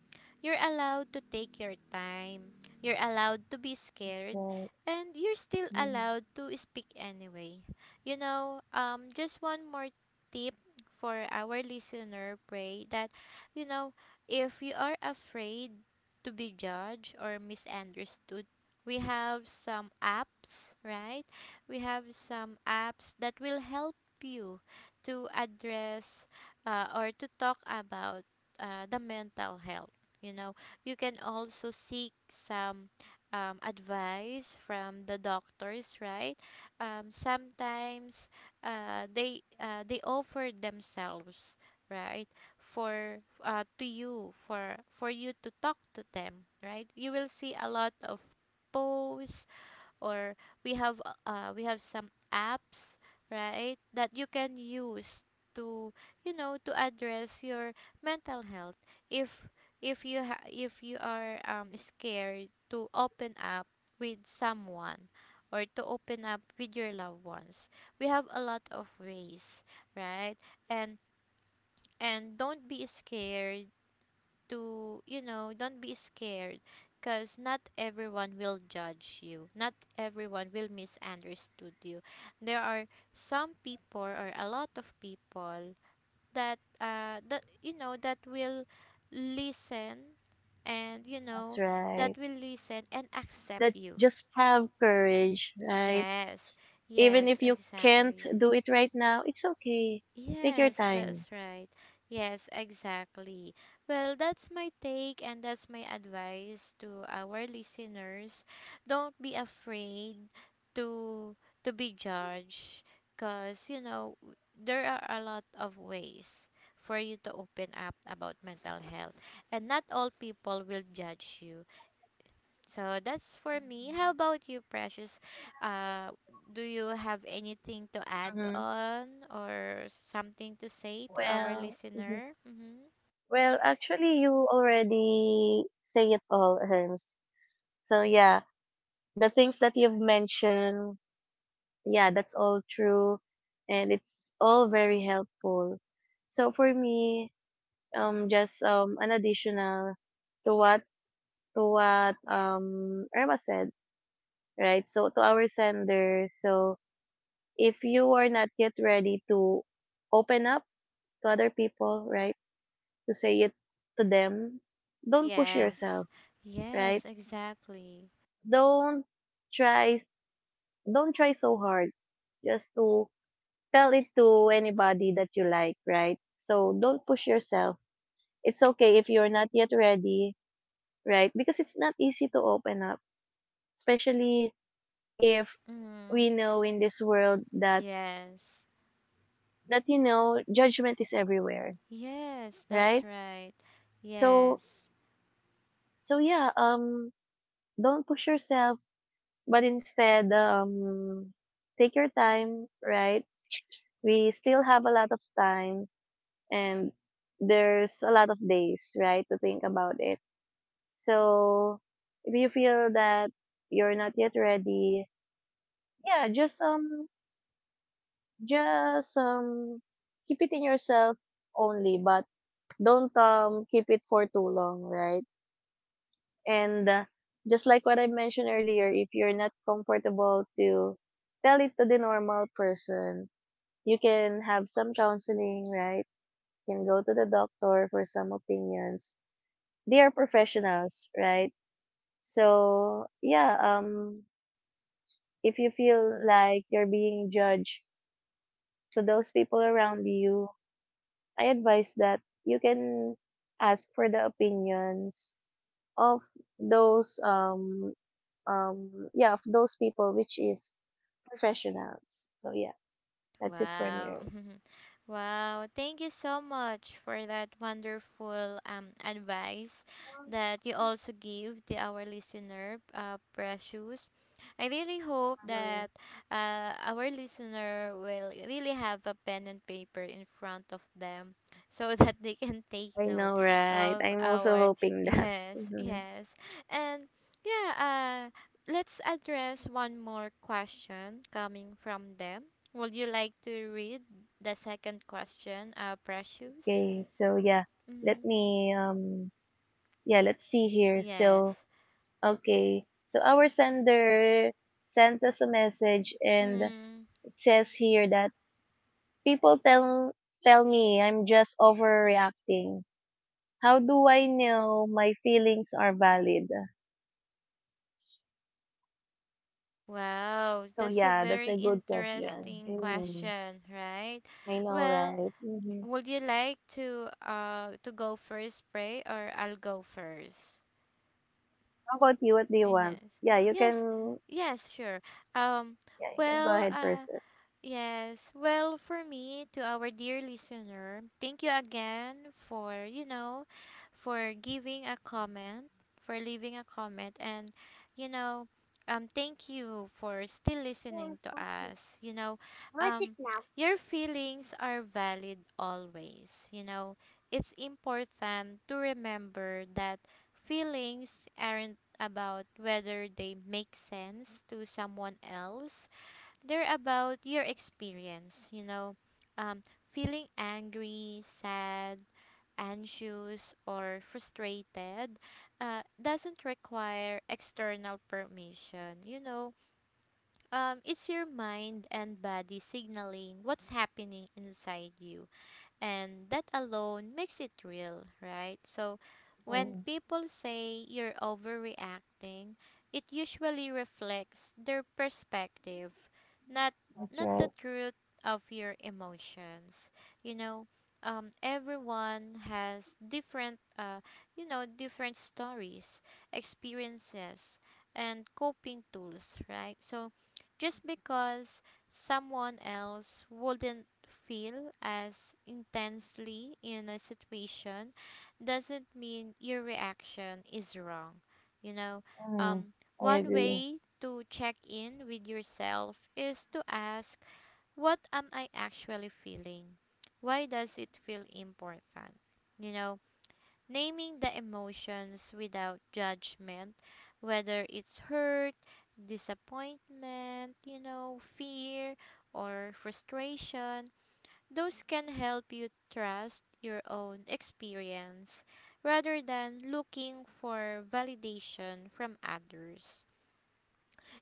Speaker 1: you're allowed to take your time, you're allowed to be
Speaker 2: that's
Speaker 1: scared,
Speaker 2: right.
Speaker 1: and you're still
Speaker 2: Mm,
Speaker 1: allowed to speak anyway. You know, just one more tip for our listener, pray that, you know, if you are afraid to be judged or misunderstood, we have some apps, right? We have some apps that will help you to address, or to talk about the mental health. You know, you can also seek some advice from the doctors, right? Sometimes they offer themselves, right, for to you, for you to talk to them, right? You will see a lot of posts, or we have some apps, right, that you can use to, you know, to address your mental health. If if you are scared to open up with someone, or to open up with your loved ones, we have a lot of ways, right? And and don't be scared to, you know, don't be scared, because not everyone will judge you. Not everyone will misunderstood you. There are some people, or a lot of people, that that, you know, that will listen, and you
Speaker 2: that's
Speaker 1: know, that
Speaker 2: right.
Speaker 1: will listen and accept
Speaker 2: That
Speaker 1: you.
Speaker 2: just have courage, right?
Speaker 1: Yes.
Speaker 2: Even
Speaker 1: Yes,
Speaker 2: if you can't
Speaker 1: exactly.
Speaker 2: do it right now, it's okay. Take your
Speaker 1: Yes,
Speaker 2: time.
Speaker 1: that's right. Yes, exactly. Well, that's my take and that's my advice to our listeners. Don't be afraid to to be judged because there are a lot of ways for you to open up about mental health, and not all people will judge you. So that's for me. How about you, Precious? Uh, do you have anything to add
Speaker 2: Mm-hmm.
Speaker 1: on or something to say to our
Speaker 2: Well, mhm.
Speaker 1: listener? Mm-hmm.
Speaker 2: Well, actually, you already say it all, Herms. So yeah, the things that you've mentioned, yeah, that's all true, and it's all very helpful. So for me, just an additional to what to what Irma said, right? So to our sender, so if you are not yet ready to open up to other people, right, to say it to them, don't push
Speaker 1: Yes.
Speaker 2: yourself, right?
Speaker 1: Yes, exactly.
Speaker 2: Don't try, don't try so hard just to tell it to anybody that you like, right? So don't push yourself. It's okay if you're not yet ready, right? Because it's not easy to open up, especially if
Speaker 1: Mm.
Speaker 2: we know in this world that
Speaker 1: Yes.
Speaker 2: you know judgment is everywhere,
Speaker 1: Yes, that's
Speaker 2: right?
Speaker 1: right.
Speaker 2: So
Speaker 1: Yes.
Speaker 2: yeah, don't push yourself, but instead take your time, right? We still have a lot of time, and there's a lot of days, right, to think about it. So if you feel that you're not yet ready, yeah, just keep it in yourself only, but don't keep it for too long, right? And just like what I mentioned earlier, if you're not comfortable to tell it to the normal person, you can have some counseling, right? You can go to the doctor for some opinions. They are professionals, right? So yeah, if you feel like you're being judged to those people around you, I advise that you can ask for the opinions of those yeah, of those people which is professionals. So yeah, that's it for me,
Speaker 1: Wow.
Speaker 2: Earls.
Speaker 1: [laughs] Wow. Thank you so much for that wonderful advice that you also give to our listener, Precious. I really hope
Speaker 2: Mhm.
Speaker 1: that our listener will really have a pen and paper in front of them so [laughs] that they can take
Speaker 2: I
Speaker 1: note
Speaker 2: know, right?
Speaker 1: of
Speaker 2: I'm also
Speaker 1: our. [laughs]
Speaker 2: hoping that.
Speaker 1: Yes,
Speaker 2: Mhm.
Speaker 1: yes. And yeah, let's address one more question coming from them. Would you like to read the second question, Precious?
Speaker 2: Okay, so yeah, let
Speaker 1: Mm-hmm.
Speaker 2: me yeah, let's see here.
Speaker 1: Yes.
Speaker 2: So, okay. So our sender sent us a message and
Speaker 1: Mm.
Speaker 2: it says here that people tell, tell me I'm just overreacting. How do I know my feelings are valid?
Speaker 1: Wow,
Speaker 2: So
Speaker 1: that's a
Speaker 2: yeah, that's
Speaker 1: very
Speaker 2: a good question.
Speaker 1: interesting
Speaker 2: Mm,
Speaker 1: question, right?
Speaker 2: I know,
Speaker 1: Well,
Speaker 2: right? Hmm.
Speaker 1: would you like to go first, Pray, or I'll go first?
Speaker 2: How about you? What do you want?
Speaker 1: Yes.
Speaker 2: Yeah, you
Speaker 1: Yes.
Speaker 2: can.
Speaker 1: Yes, sure. Um
Speaker 2: Yeah, you can go
Speaker 1: well,
Speaker 2: ahead
Speaker 1: uh
Speaker 2: first.
Speaker 1: Yes. Well, for me, to our dear listener, thank you again for, you know, for giving a comment, for leaving a comment and, you know, thank you for still listening to us. You know, um your feelings are valid always. You know, it's important to remember that feelings aren't about whether they make sense to someone else, they're about your experience, you know, um, feeling angry, sad, anxious, or frustrated doesn't require external permission. You know, it's your mind and body signaling what's happening inside you, and that alone makes it real, right? So when
Speaker 2: Mm,
Speaker 1: people say you're overreacting, it usually reflects their perspective, not
Speaker 2: that's
Speaker 1: not
Speaker 2: right.
Speaker 1: the truth of your emotions. You know, everyone has different, you know, different stories, experiences, and coping tools, right? So just because someone else wouldn't feel as intensely in a situation doesn't mean your reaction is wrong. You know,
Speaker 2: Mm,
Speaker 1: um,
Speaker 2: I
Speaker 1: one
Speaker 2: agree.
Speaker 1: way to check in with yourself is to ask, what am I actually feeling? Why does it feel important? You know, naming the emotions without judgment, whether it's hurt, disappointment, you know, fear, or frustration, those can help you trust your own experience rather than looking for validation from others.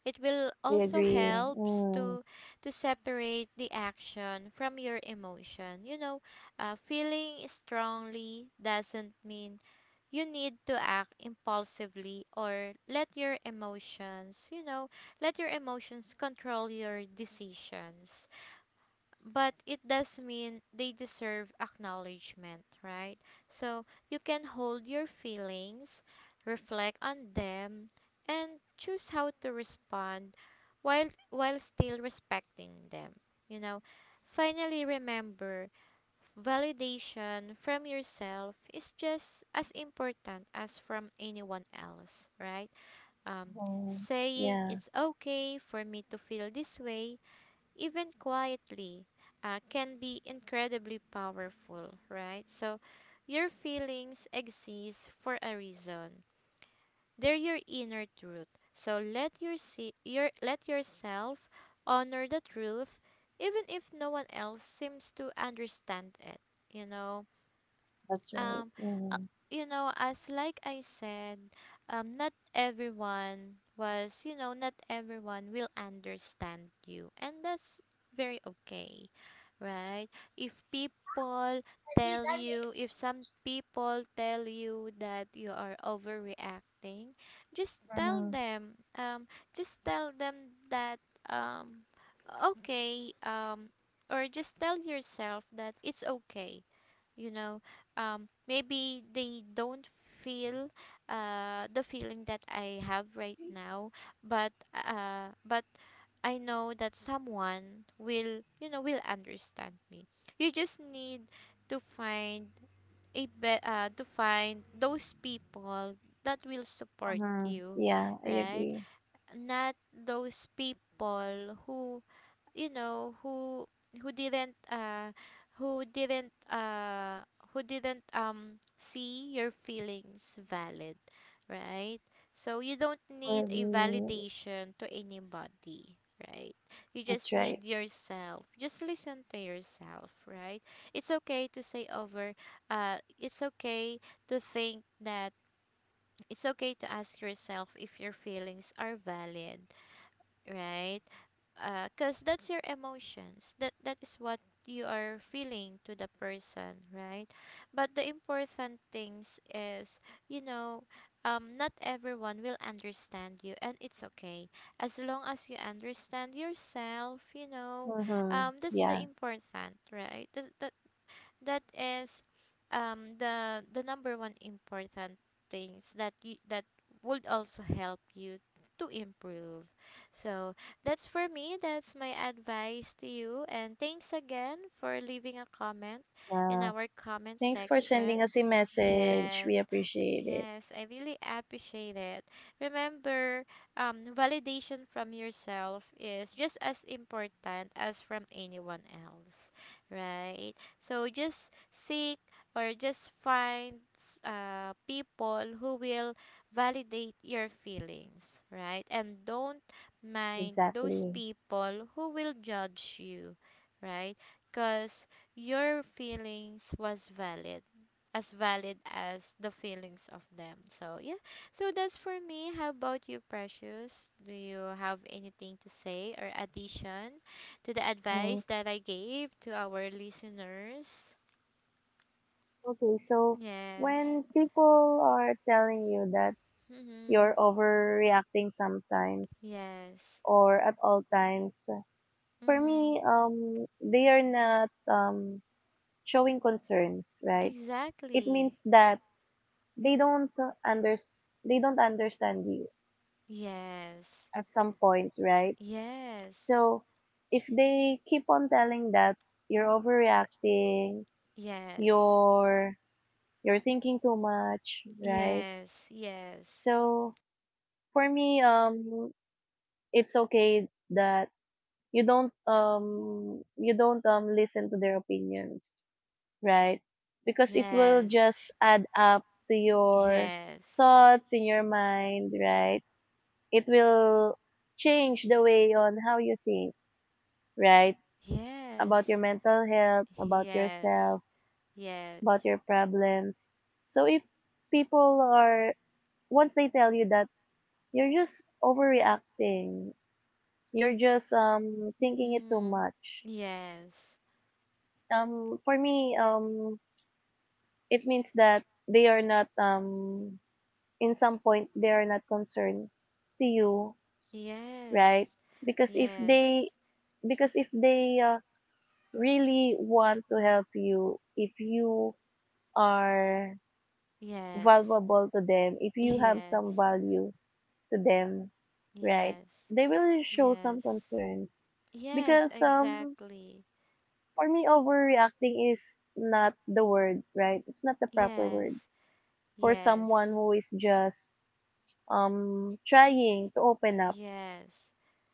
Speaker 1: It will
Speaker 2: I
Speaker 1: also
Speaker 2: agree.
Speaker 1: helps
Speaker 2: Mm.
Speaker 1: to separate the action from your emotion. You know, feeling strongly doesn't mean you need to act impulsively or let your emotions, you know, let your emotions control your decisions, but it does mean they deserve acknowledgement, right? So you can hold your feelings, reflect on them, and choose how to respond while still respecting them. You know, finally remember validation from yourself is just as important as from anyone else, right? Um
Speaker 2: Mhm.
Speaker 1: Saying
Speaker 2: Yeah,
Speaker 1: it's okay for me to feel this way, even quietly, can be incredibly powerful, right? So, your feelings exist for a reason. They're your inner truth. So let your let yourself honor the truth, even if no one else seems to understand it. You know,
Speaker 2: that's right.
Speaker 1: um, uh,
Speaker 2: Mhm.
Speaker 1: you know, as like I said, not everyone was, you know, not everyone will understand you, and that's very okay, right? If people tell you, if some people tell you that you are overreacting, just tell
Speaker 2: Mhm.
Speaker 1: them, um, just tell them that, um, okay, or just tell yourself that it's okay, you know, maybe they don't feel the feeling that I have right now, but I know that someone will, you know, will understand me. You just need to find to find those people that will support
Speaker 2: Mhm.
Speaker 1: you,
Speaker 2: Yeah, I
Speaker 1: right,
Speaker 2: agree.
Speaker 1: not those people who, you know, who didn't who didn't who didn't see your feelings valid, right? So you don't
Speaker 2: I
Speaker 1: need a
Speaker 2: agree.
Speaker 1: validation to anybody, right? You just
Speaker 2: That's
Speaker 1: need
Speaker 2: right.
Speaker 1: yourself. Just listen to yourself, right? it's okay to say over it's okay to think that, it's okay to ask yourself if your feelings are valid, right? Because that's your emotions. That is what you are feeling to the person, right? But the important things is, you know, not everyone will understand you, and it's okay as long as you understand yourself. You know,
Speaker 2: Mhm.
Speaker 1: that's the
Speaker 2: Yeah.
Speaker 1: important, right? That, that is the number one important things that you, that would also help you to improve. So that's for me. That's my advice to you. And thanks again for leaving a comment in
Speaker 2: Uh,
Speaker 1: our comment
Speaker 2: thanks for sending
Speaker 1: section.
Speaker 2: us a message. We
Speaker 1: Yes.
Speaker 2: appreciate it.
Speaker 1: Yes, I really appreciate it. Remember, validation from yourself is just as important as from anyone else, right? So just seek or just find people who will validate your feelings, right? And don't mind those
Speaker 2: Exactly.
Speaker 1: people who will judge you, right? Because your feelings was valid, as valid as the feelings of them. So yeah. So that's for me. How about you, Precious? Do you have anything to say or addition to the
Speaker 2: Mhm.
Speaker 1: advice that I gave to our listeners?
Speaker 2: Okay, so
Speaker 1: Yes.
Speaker 2: when people are telling you that
Speaker 1: Mm-hmm.
Speaker 2: you're overreacting sometimes
Speaker 1: Yes.
Speaker 2: or at all times, for
Speaker 1: Mm-hmm.
Speaker 2: me, they are not showing concerns, right? It
Speaker 1: Exactly.
Speaker 2: means that they don't under they don't understand you
Speaker 1: Yes.
Speaker 2: at some point, right?
Speaker 1: Yes.
Speaker 2: So if they keep on telling that you're overreacting,
Speaker 1: Yes.
Speaker 2: you're you're thinking too much, right?
Speaker 1: Yes.
Speaker 2: So for me, it's okay that you don't listen to their opinions, right? Because it will
Speaker 1: Yes.
Speaker 2: just add up to your
Speaker 1: Yes.
Speaker 2: thoughts in your mind, right? It will change the way on how you think, right?
Speaker 1: Yes.
Speaker 2: About
Speaker 1: Yes.
Speaker 2: your mental health, about
Speaker 1: Yes.
Speaker 2: yourself,
Speaker 1: Yes.
Speaker 2: about your problems. So if people are, once they tell you that you're just overreacting, you're just thinking it too
Speaker 1: Mm.
Speaker 2: much.
Speaker 1: Yes.
Speaker 2: For me it means that they are not in some point they are not concerned to you, right?
Speaker 1: Yes.
Speaker 2: Because if
Speaker 1: Yes.
Speaker 2: they, because if they uh, really want to help you, if you are
Speaker 1: Yes.
Speaker 2: valuable to them, if
Speaker 1: [laughs]
Speaker 2: you have
Speaker 1: Yes.
Speaker 2: some value to them, right?
Speaker 1: Yes.
Speaker 2: They will show some
Speaker 1: Yes.
Speaker 2: concerns
Speaker 1: Yes,
Speaker 2: because
Speaker 1: exactly.
Speaker 2: for me overreacting is not the word, right? It's not the proper word
Speaker 1: Yes.
Speaker 2: for
Speaker 1: Yes.
Speaker 2: someone who is just trying to open up
Speaker 1: Yes.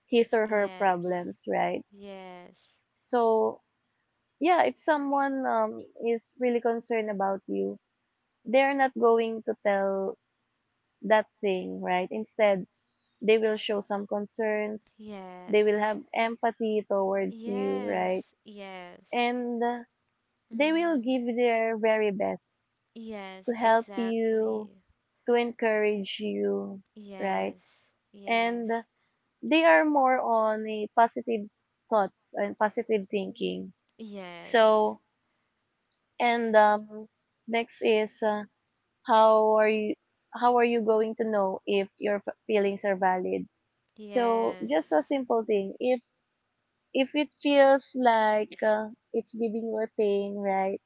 Speaker 2: his or her
Speaker 1: Yes.
Speaker 2: problems, right?
Speaker 1: Yes.
Speaker 2: So yeah, if someone is really concerned about you, they're not going to tell that thing, right? Instead, they will show some concerns, they will
Speaker 1: Yes.
Speaker 2: have empathy towards you, right?
Speaker 1: Yes. Yes.
Speaker 2: And they will
Speaker 1: Mm.
Speaker 2: give their very best to
Speaker 1: Yes,
Speaker 2: help you,
Speaker 1: exactly.
Speaker 2: to encourage you, right?
Speaker 1: Yes.
Speaker 2: And
Speaker 1: Yes.
Speaker 2: they are more on a positive thoughts and positive thinking.
Speaker 1: Yes.
Speaker 2: So, and next is how are you, how are you going to know if your feelings are valid? So just a
Speaker 1: Yes.
Speaker 2: simple thing: if it feels like it's giving you a pain, right?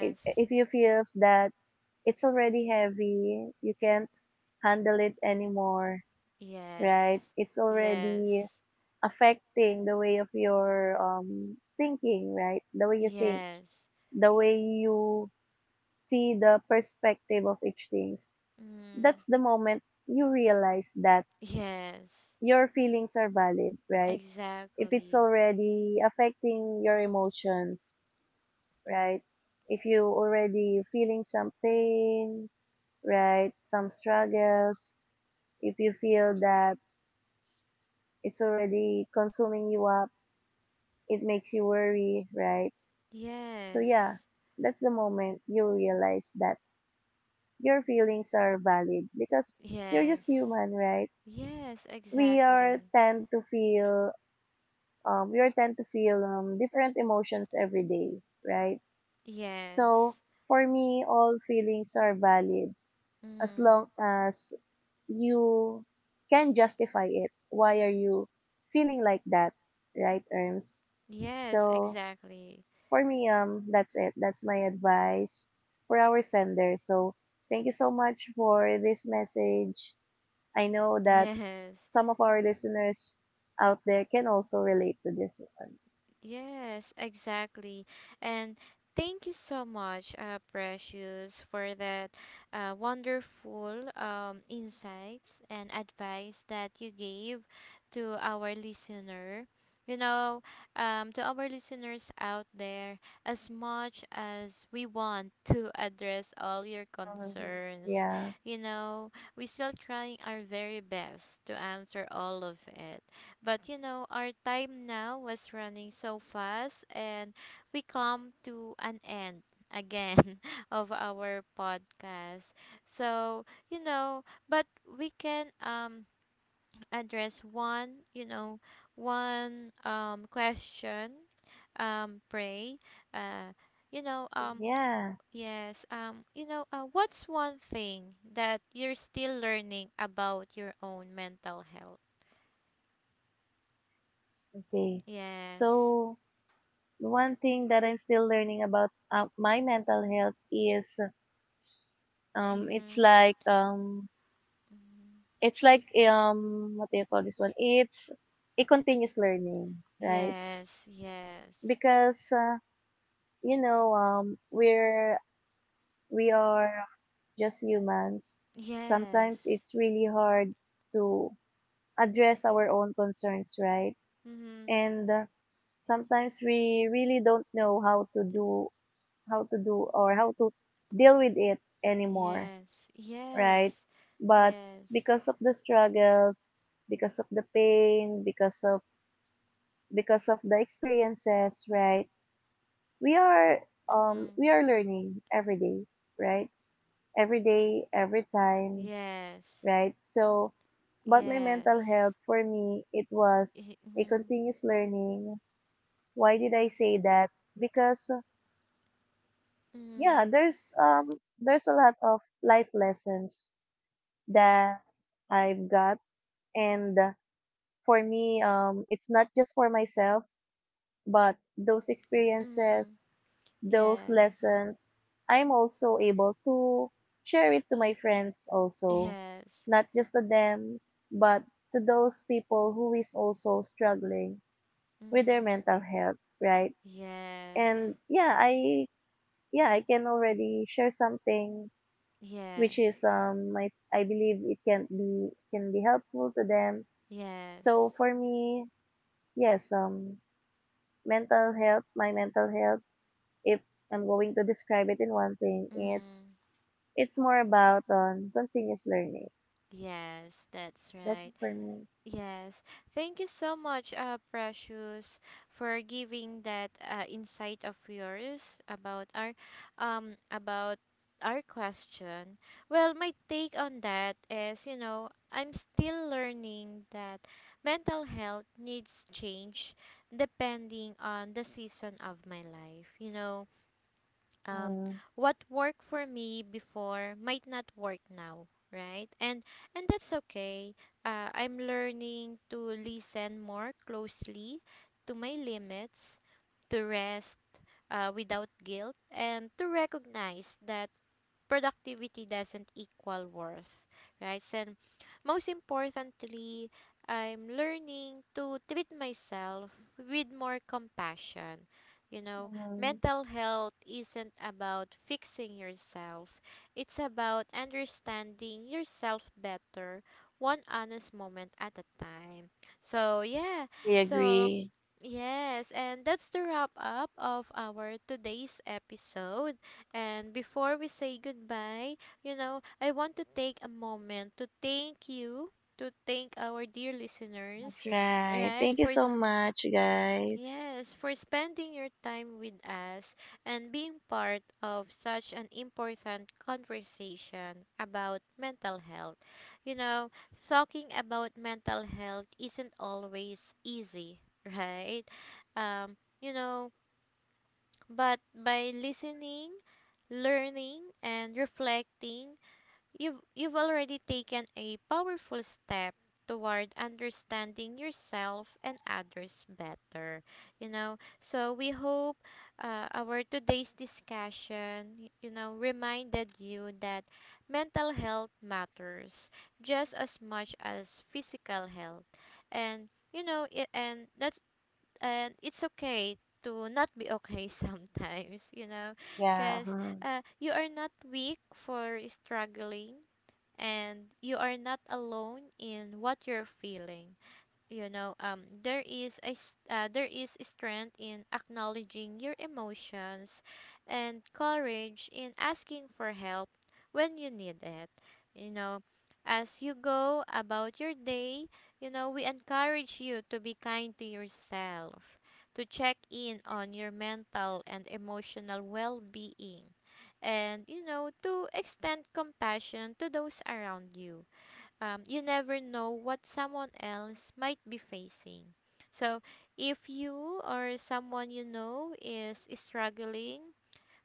Speaker 2: if, if you feels that it's already heavy, you can't handle it anymore, right?
Speaker 1: Yes.
Speaker 2: It's already
Speaker 1: Yes.
Speaker 2: affecting the way of your thinking, right? The way you think,
Speaker 1: Yes.
Speaker 2: the way you see the perspective of each thing,
Speaker 1: Mm.
Speaker 2: that's the moment you realize that
Speaker 1: Yes.
Speaker 2: your feelings are valid, right? If it's
Speaker 1: Exactly.
Speaker 2: already affecting your emotions, right? If you already feeling some pain, right? Some struggles, if you feel that it's already consuming you up, it makes you worry, right? So yeah,
Speaker 1: Yes.
Speaker 2: that's the moment you realize that your feelings are valid because you're just
Speaker 1: Yes.
Speaker 2: human, right?
Speaker 1: Yes,
Speaker 2: We are
Speaker 1: exactly.
Speaker 2: tend to feel we are tend to feel different emotions every day, right? So
Speaker 1: Yes.
Speaker 2: for me, all feelings are valid as
Speaker 1: Mm.
Speaker 2: long as you can justify it. Why are you feeling like that, right, Erms?
Speaker 1: Yes,
Speaker 2: So
Speaker 1: exactly.
Speaker 2: for me, that's it. That's my advice for our sender. So thank you so much for this message. I know
Speaker 1: [laughs]
Speaker 2: that
Speaker 1: Yes.
Speaker 2: some of our listeners out there can also relate to this one.
Speaker 1: Yes, exactly. And thank you so much, Precious, for that wonderful insights and advice that you gave to our listener. You know, to our listeners out there, as much as we want to address all your
Speaker 2: Mhm.
Speaker 1: concerns,
Speaker 2: Yeah.
Speaker 1: you know, we still trying our very best to answer all of it. But you know, our time now was running so fast, and we come to an end again [laughs] of our podcast. So, you know, but we can address one, you know, one question, pray, uh you know,
Speaker 2: Yeah,
Speaker 1: yes, you know, what's one thing that you're still learning about your own mental health?
Speaker 2: okay.
Speaker 1: Yes.
Speaker 2: So one thing that I'm still learning about my mental health is um it's
Speaker 1: Mhm.
Speaker 2: like um
Speaker 1: Mhm.
Speaker 2: it's like what do you call this one? It's a continuous learning, right?
Speaker 1: Yes, yes,
Speaker 2: Because you know we are just humans. Sometimes
Speaker 1: yes.
Speaker 2: it's really hard to address our own concerns, right?
Speaker 1: Mhm.
Speaker 2: And sometimes we really don't know how to do, how to do or how to deal with it anymore,
Speaker 1: Yes,
Speaker 2: right?
Speaker 1: yes,
Speaker 2: But
Speaker 1: yes.
Speaker 2: because of the struggles, because of the pain, because of the experiences, right? We are we
Speaker 1: Mhm.
Speaker 2: are learning every day, right? Every day, every time,
Speaker 1: Yes,
Speaker 2: right? So but my mental
Speaker 1: yes.
Speaker 2: health, for me, it was a
Speaker 1: Mhm.
Speaker 2: continuous learning. Why did I say that? Because yeah,
Speaker 1: Mhm.
Speaker 2: there's a lot of life lessons that I've got, and for me it's not just for myself, but those
Speaker 1: Mhm.
Speaker 2: experiences, those
Speaker 1: Yes,
Speaker 2: lessons, I'm also able to share it to my friends also,
Speaker 1: yes.
Speaker 2: not just to them, but to those people who is also struggling with their
Speaker 1: Mhm.
Speaker 2: mental health, right?
Speaker 1: Yes,
Speaker 2: And yeah, I can already share something which
Speaker 1: yes,
Speaker 2: is my, I believe it can be helpful to them. So
Speaker 1: yes.
Speaker 2: for me, yes, mental health, my mental health, if I'm going to describe it in one thing, it's
Speaker 1: Mhm.
Speaker 2: it's more about continuous learning.
Speaker 1: Yes, that's
Speaker 2: That's
Speaker 1: right.
Speaker 2: it for me.
Speaker 1: Yes. Thank you so much, Precious, for giving that insight of yours about our question. Well, my take on that is, you know, I'm still learning that mental health needs change depending on the season of my life. You know, um,
Speaker 2: Mm,
Speaker 1: what worked for me before might not work now, right? And that's okay. I'm learning to listen more closely to my limits, to rest without guilt, and to recognize that productivity doesn't equal worth, right? And most importantly, I'm learning to treat myself with more compassion. You know,
Speaker 2: mm,
Speaker 1: mental health isn't about fixing yourself. It's about understanding yourself better, one honest moment at a time. So, yeah.
Speaker 2: we
Speaker 1: So,
Speaker 2: agree.
Speaker 1: yes, and that's the wrap up of our today's episode. And before we say goodbye, you know, I want to take a moment to thank you, to thank our dear listeners,
Speaker 2: That's right.
Speaker 1: right,
Speaker 2: Thank you
Speaker 1: for,
Speaker 2: so much, guys.
Speaker 1: yes, for spending your time with us and being part of such an important conversation about mental health. You know, talking about mental health isn't always easy, [laughs] right? You know, but by listening, learning, and reflecting, you've already taken a powerful step toward understanding yourself and others better, you know. So we hope our today's discussion you know reminded you that mental health matters just as much as physical health, and you know it, and it's okay to not be okay [laughs] sometimes, you know,
Speaker 2: Yeah.
Speaker 1: because
Speaker 2: Mm.
Speaker 1: you are not weak for struggling, and you are not alone in what you're feeling, you know. There is there is strength in acknowledging your emotions and courage in asking for help when you need it, you know. As you go about your day, you know, we encourage you to be kind to yourself, to check in on your mental and emotional well-being, and you know, to extend compassion to those around you. You never know what someone else might be facing. So, if you or someone you know is struggling,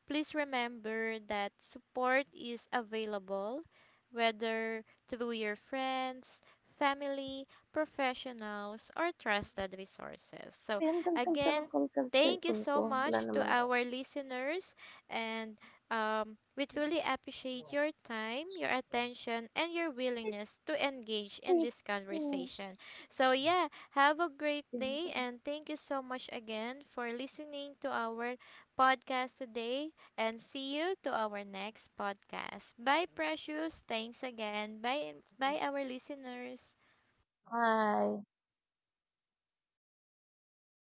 Speaker 1: please remember that support is available, whether through your friends, family, professionals, or trusted resources. So,
Speaker 2: Ayan, kamkam naman,
Speaker 1: again,
Speaker 2: kamkam
Speaker 1: thank you
Speaker 2: cellphone
Speaker 1: so
Speaker 2: ko. Wala
Speaker 1: much to
Speaker 2: naman.
Speaker 1: our listeners, and we truly appreciate your time, your attention, and your willingness to engage in
Speaker 2: 你
Speaker 1: this
Speaker 2: 你
Speaker 1: conversation. So, yeah, have a great
Speaker 2: 进
Speaker 1: day,
Speaker 2: 攻，
Speaker 1: and thank you so much again for listening to our podcast today and see you to our next podcast. Bye, Precious. Thanks again. Bye, bye, our listeners.
Speaker 2: 哎，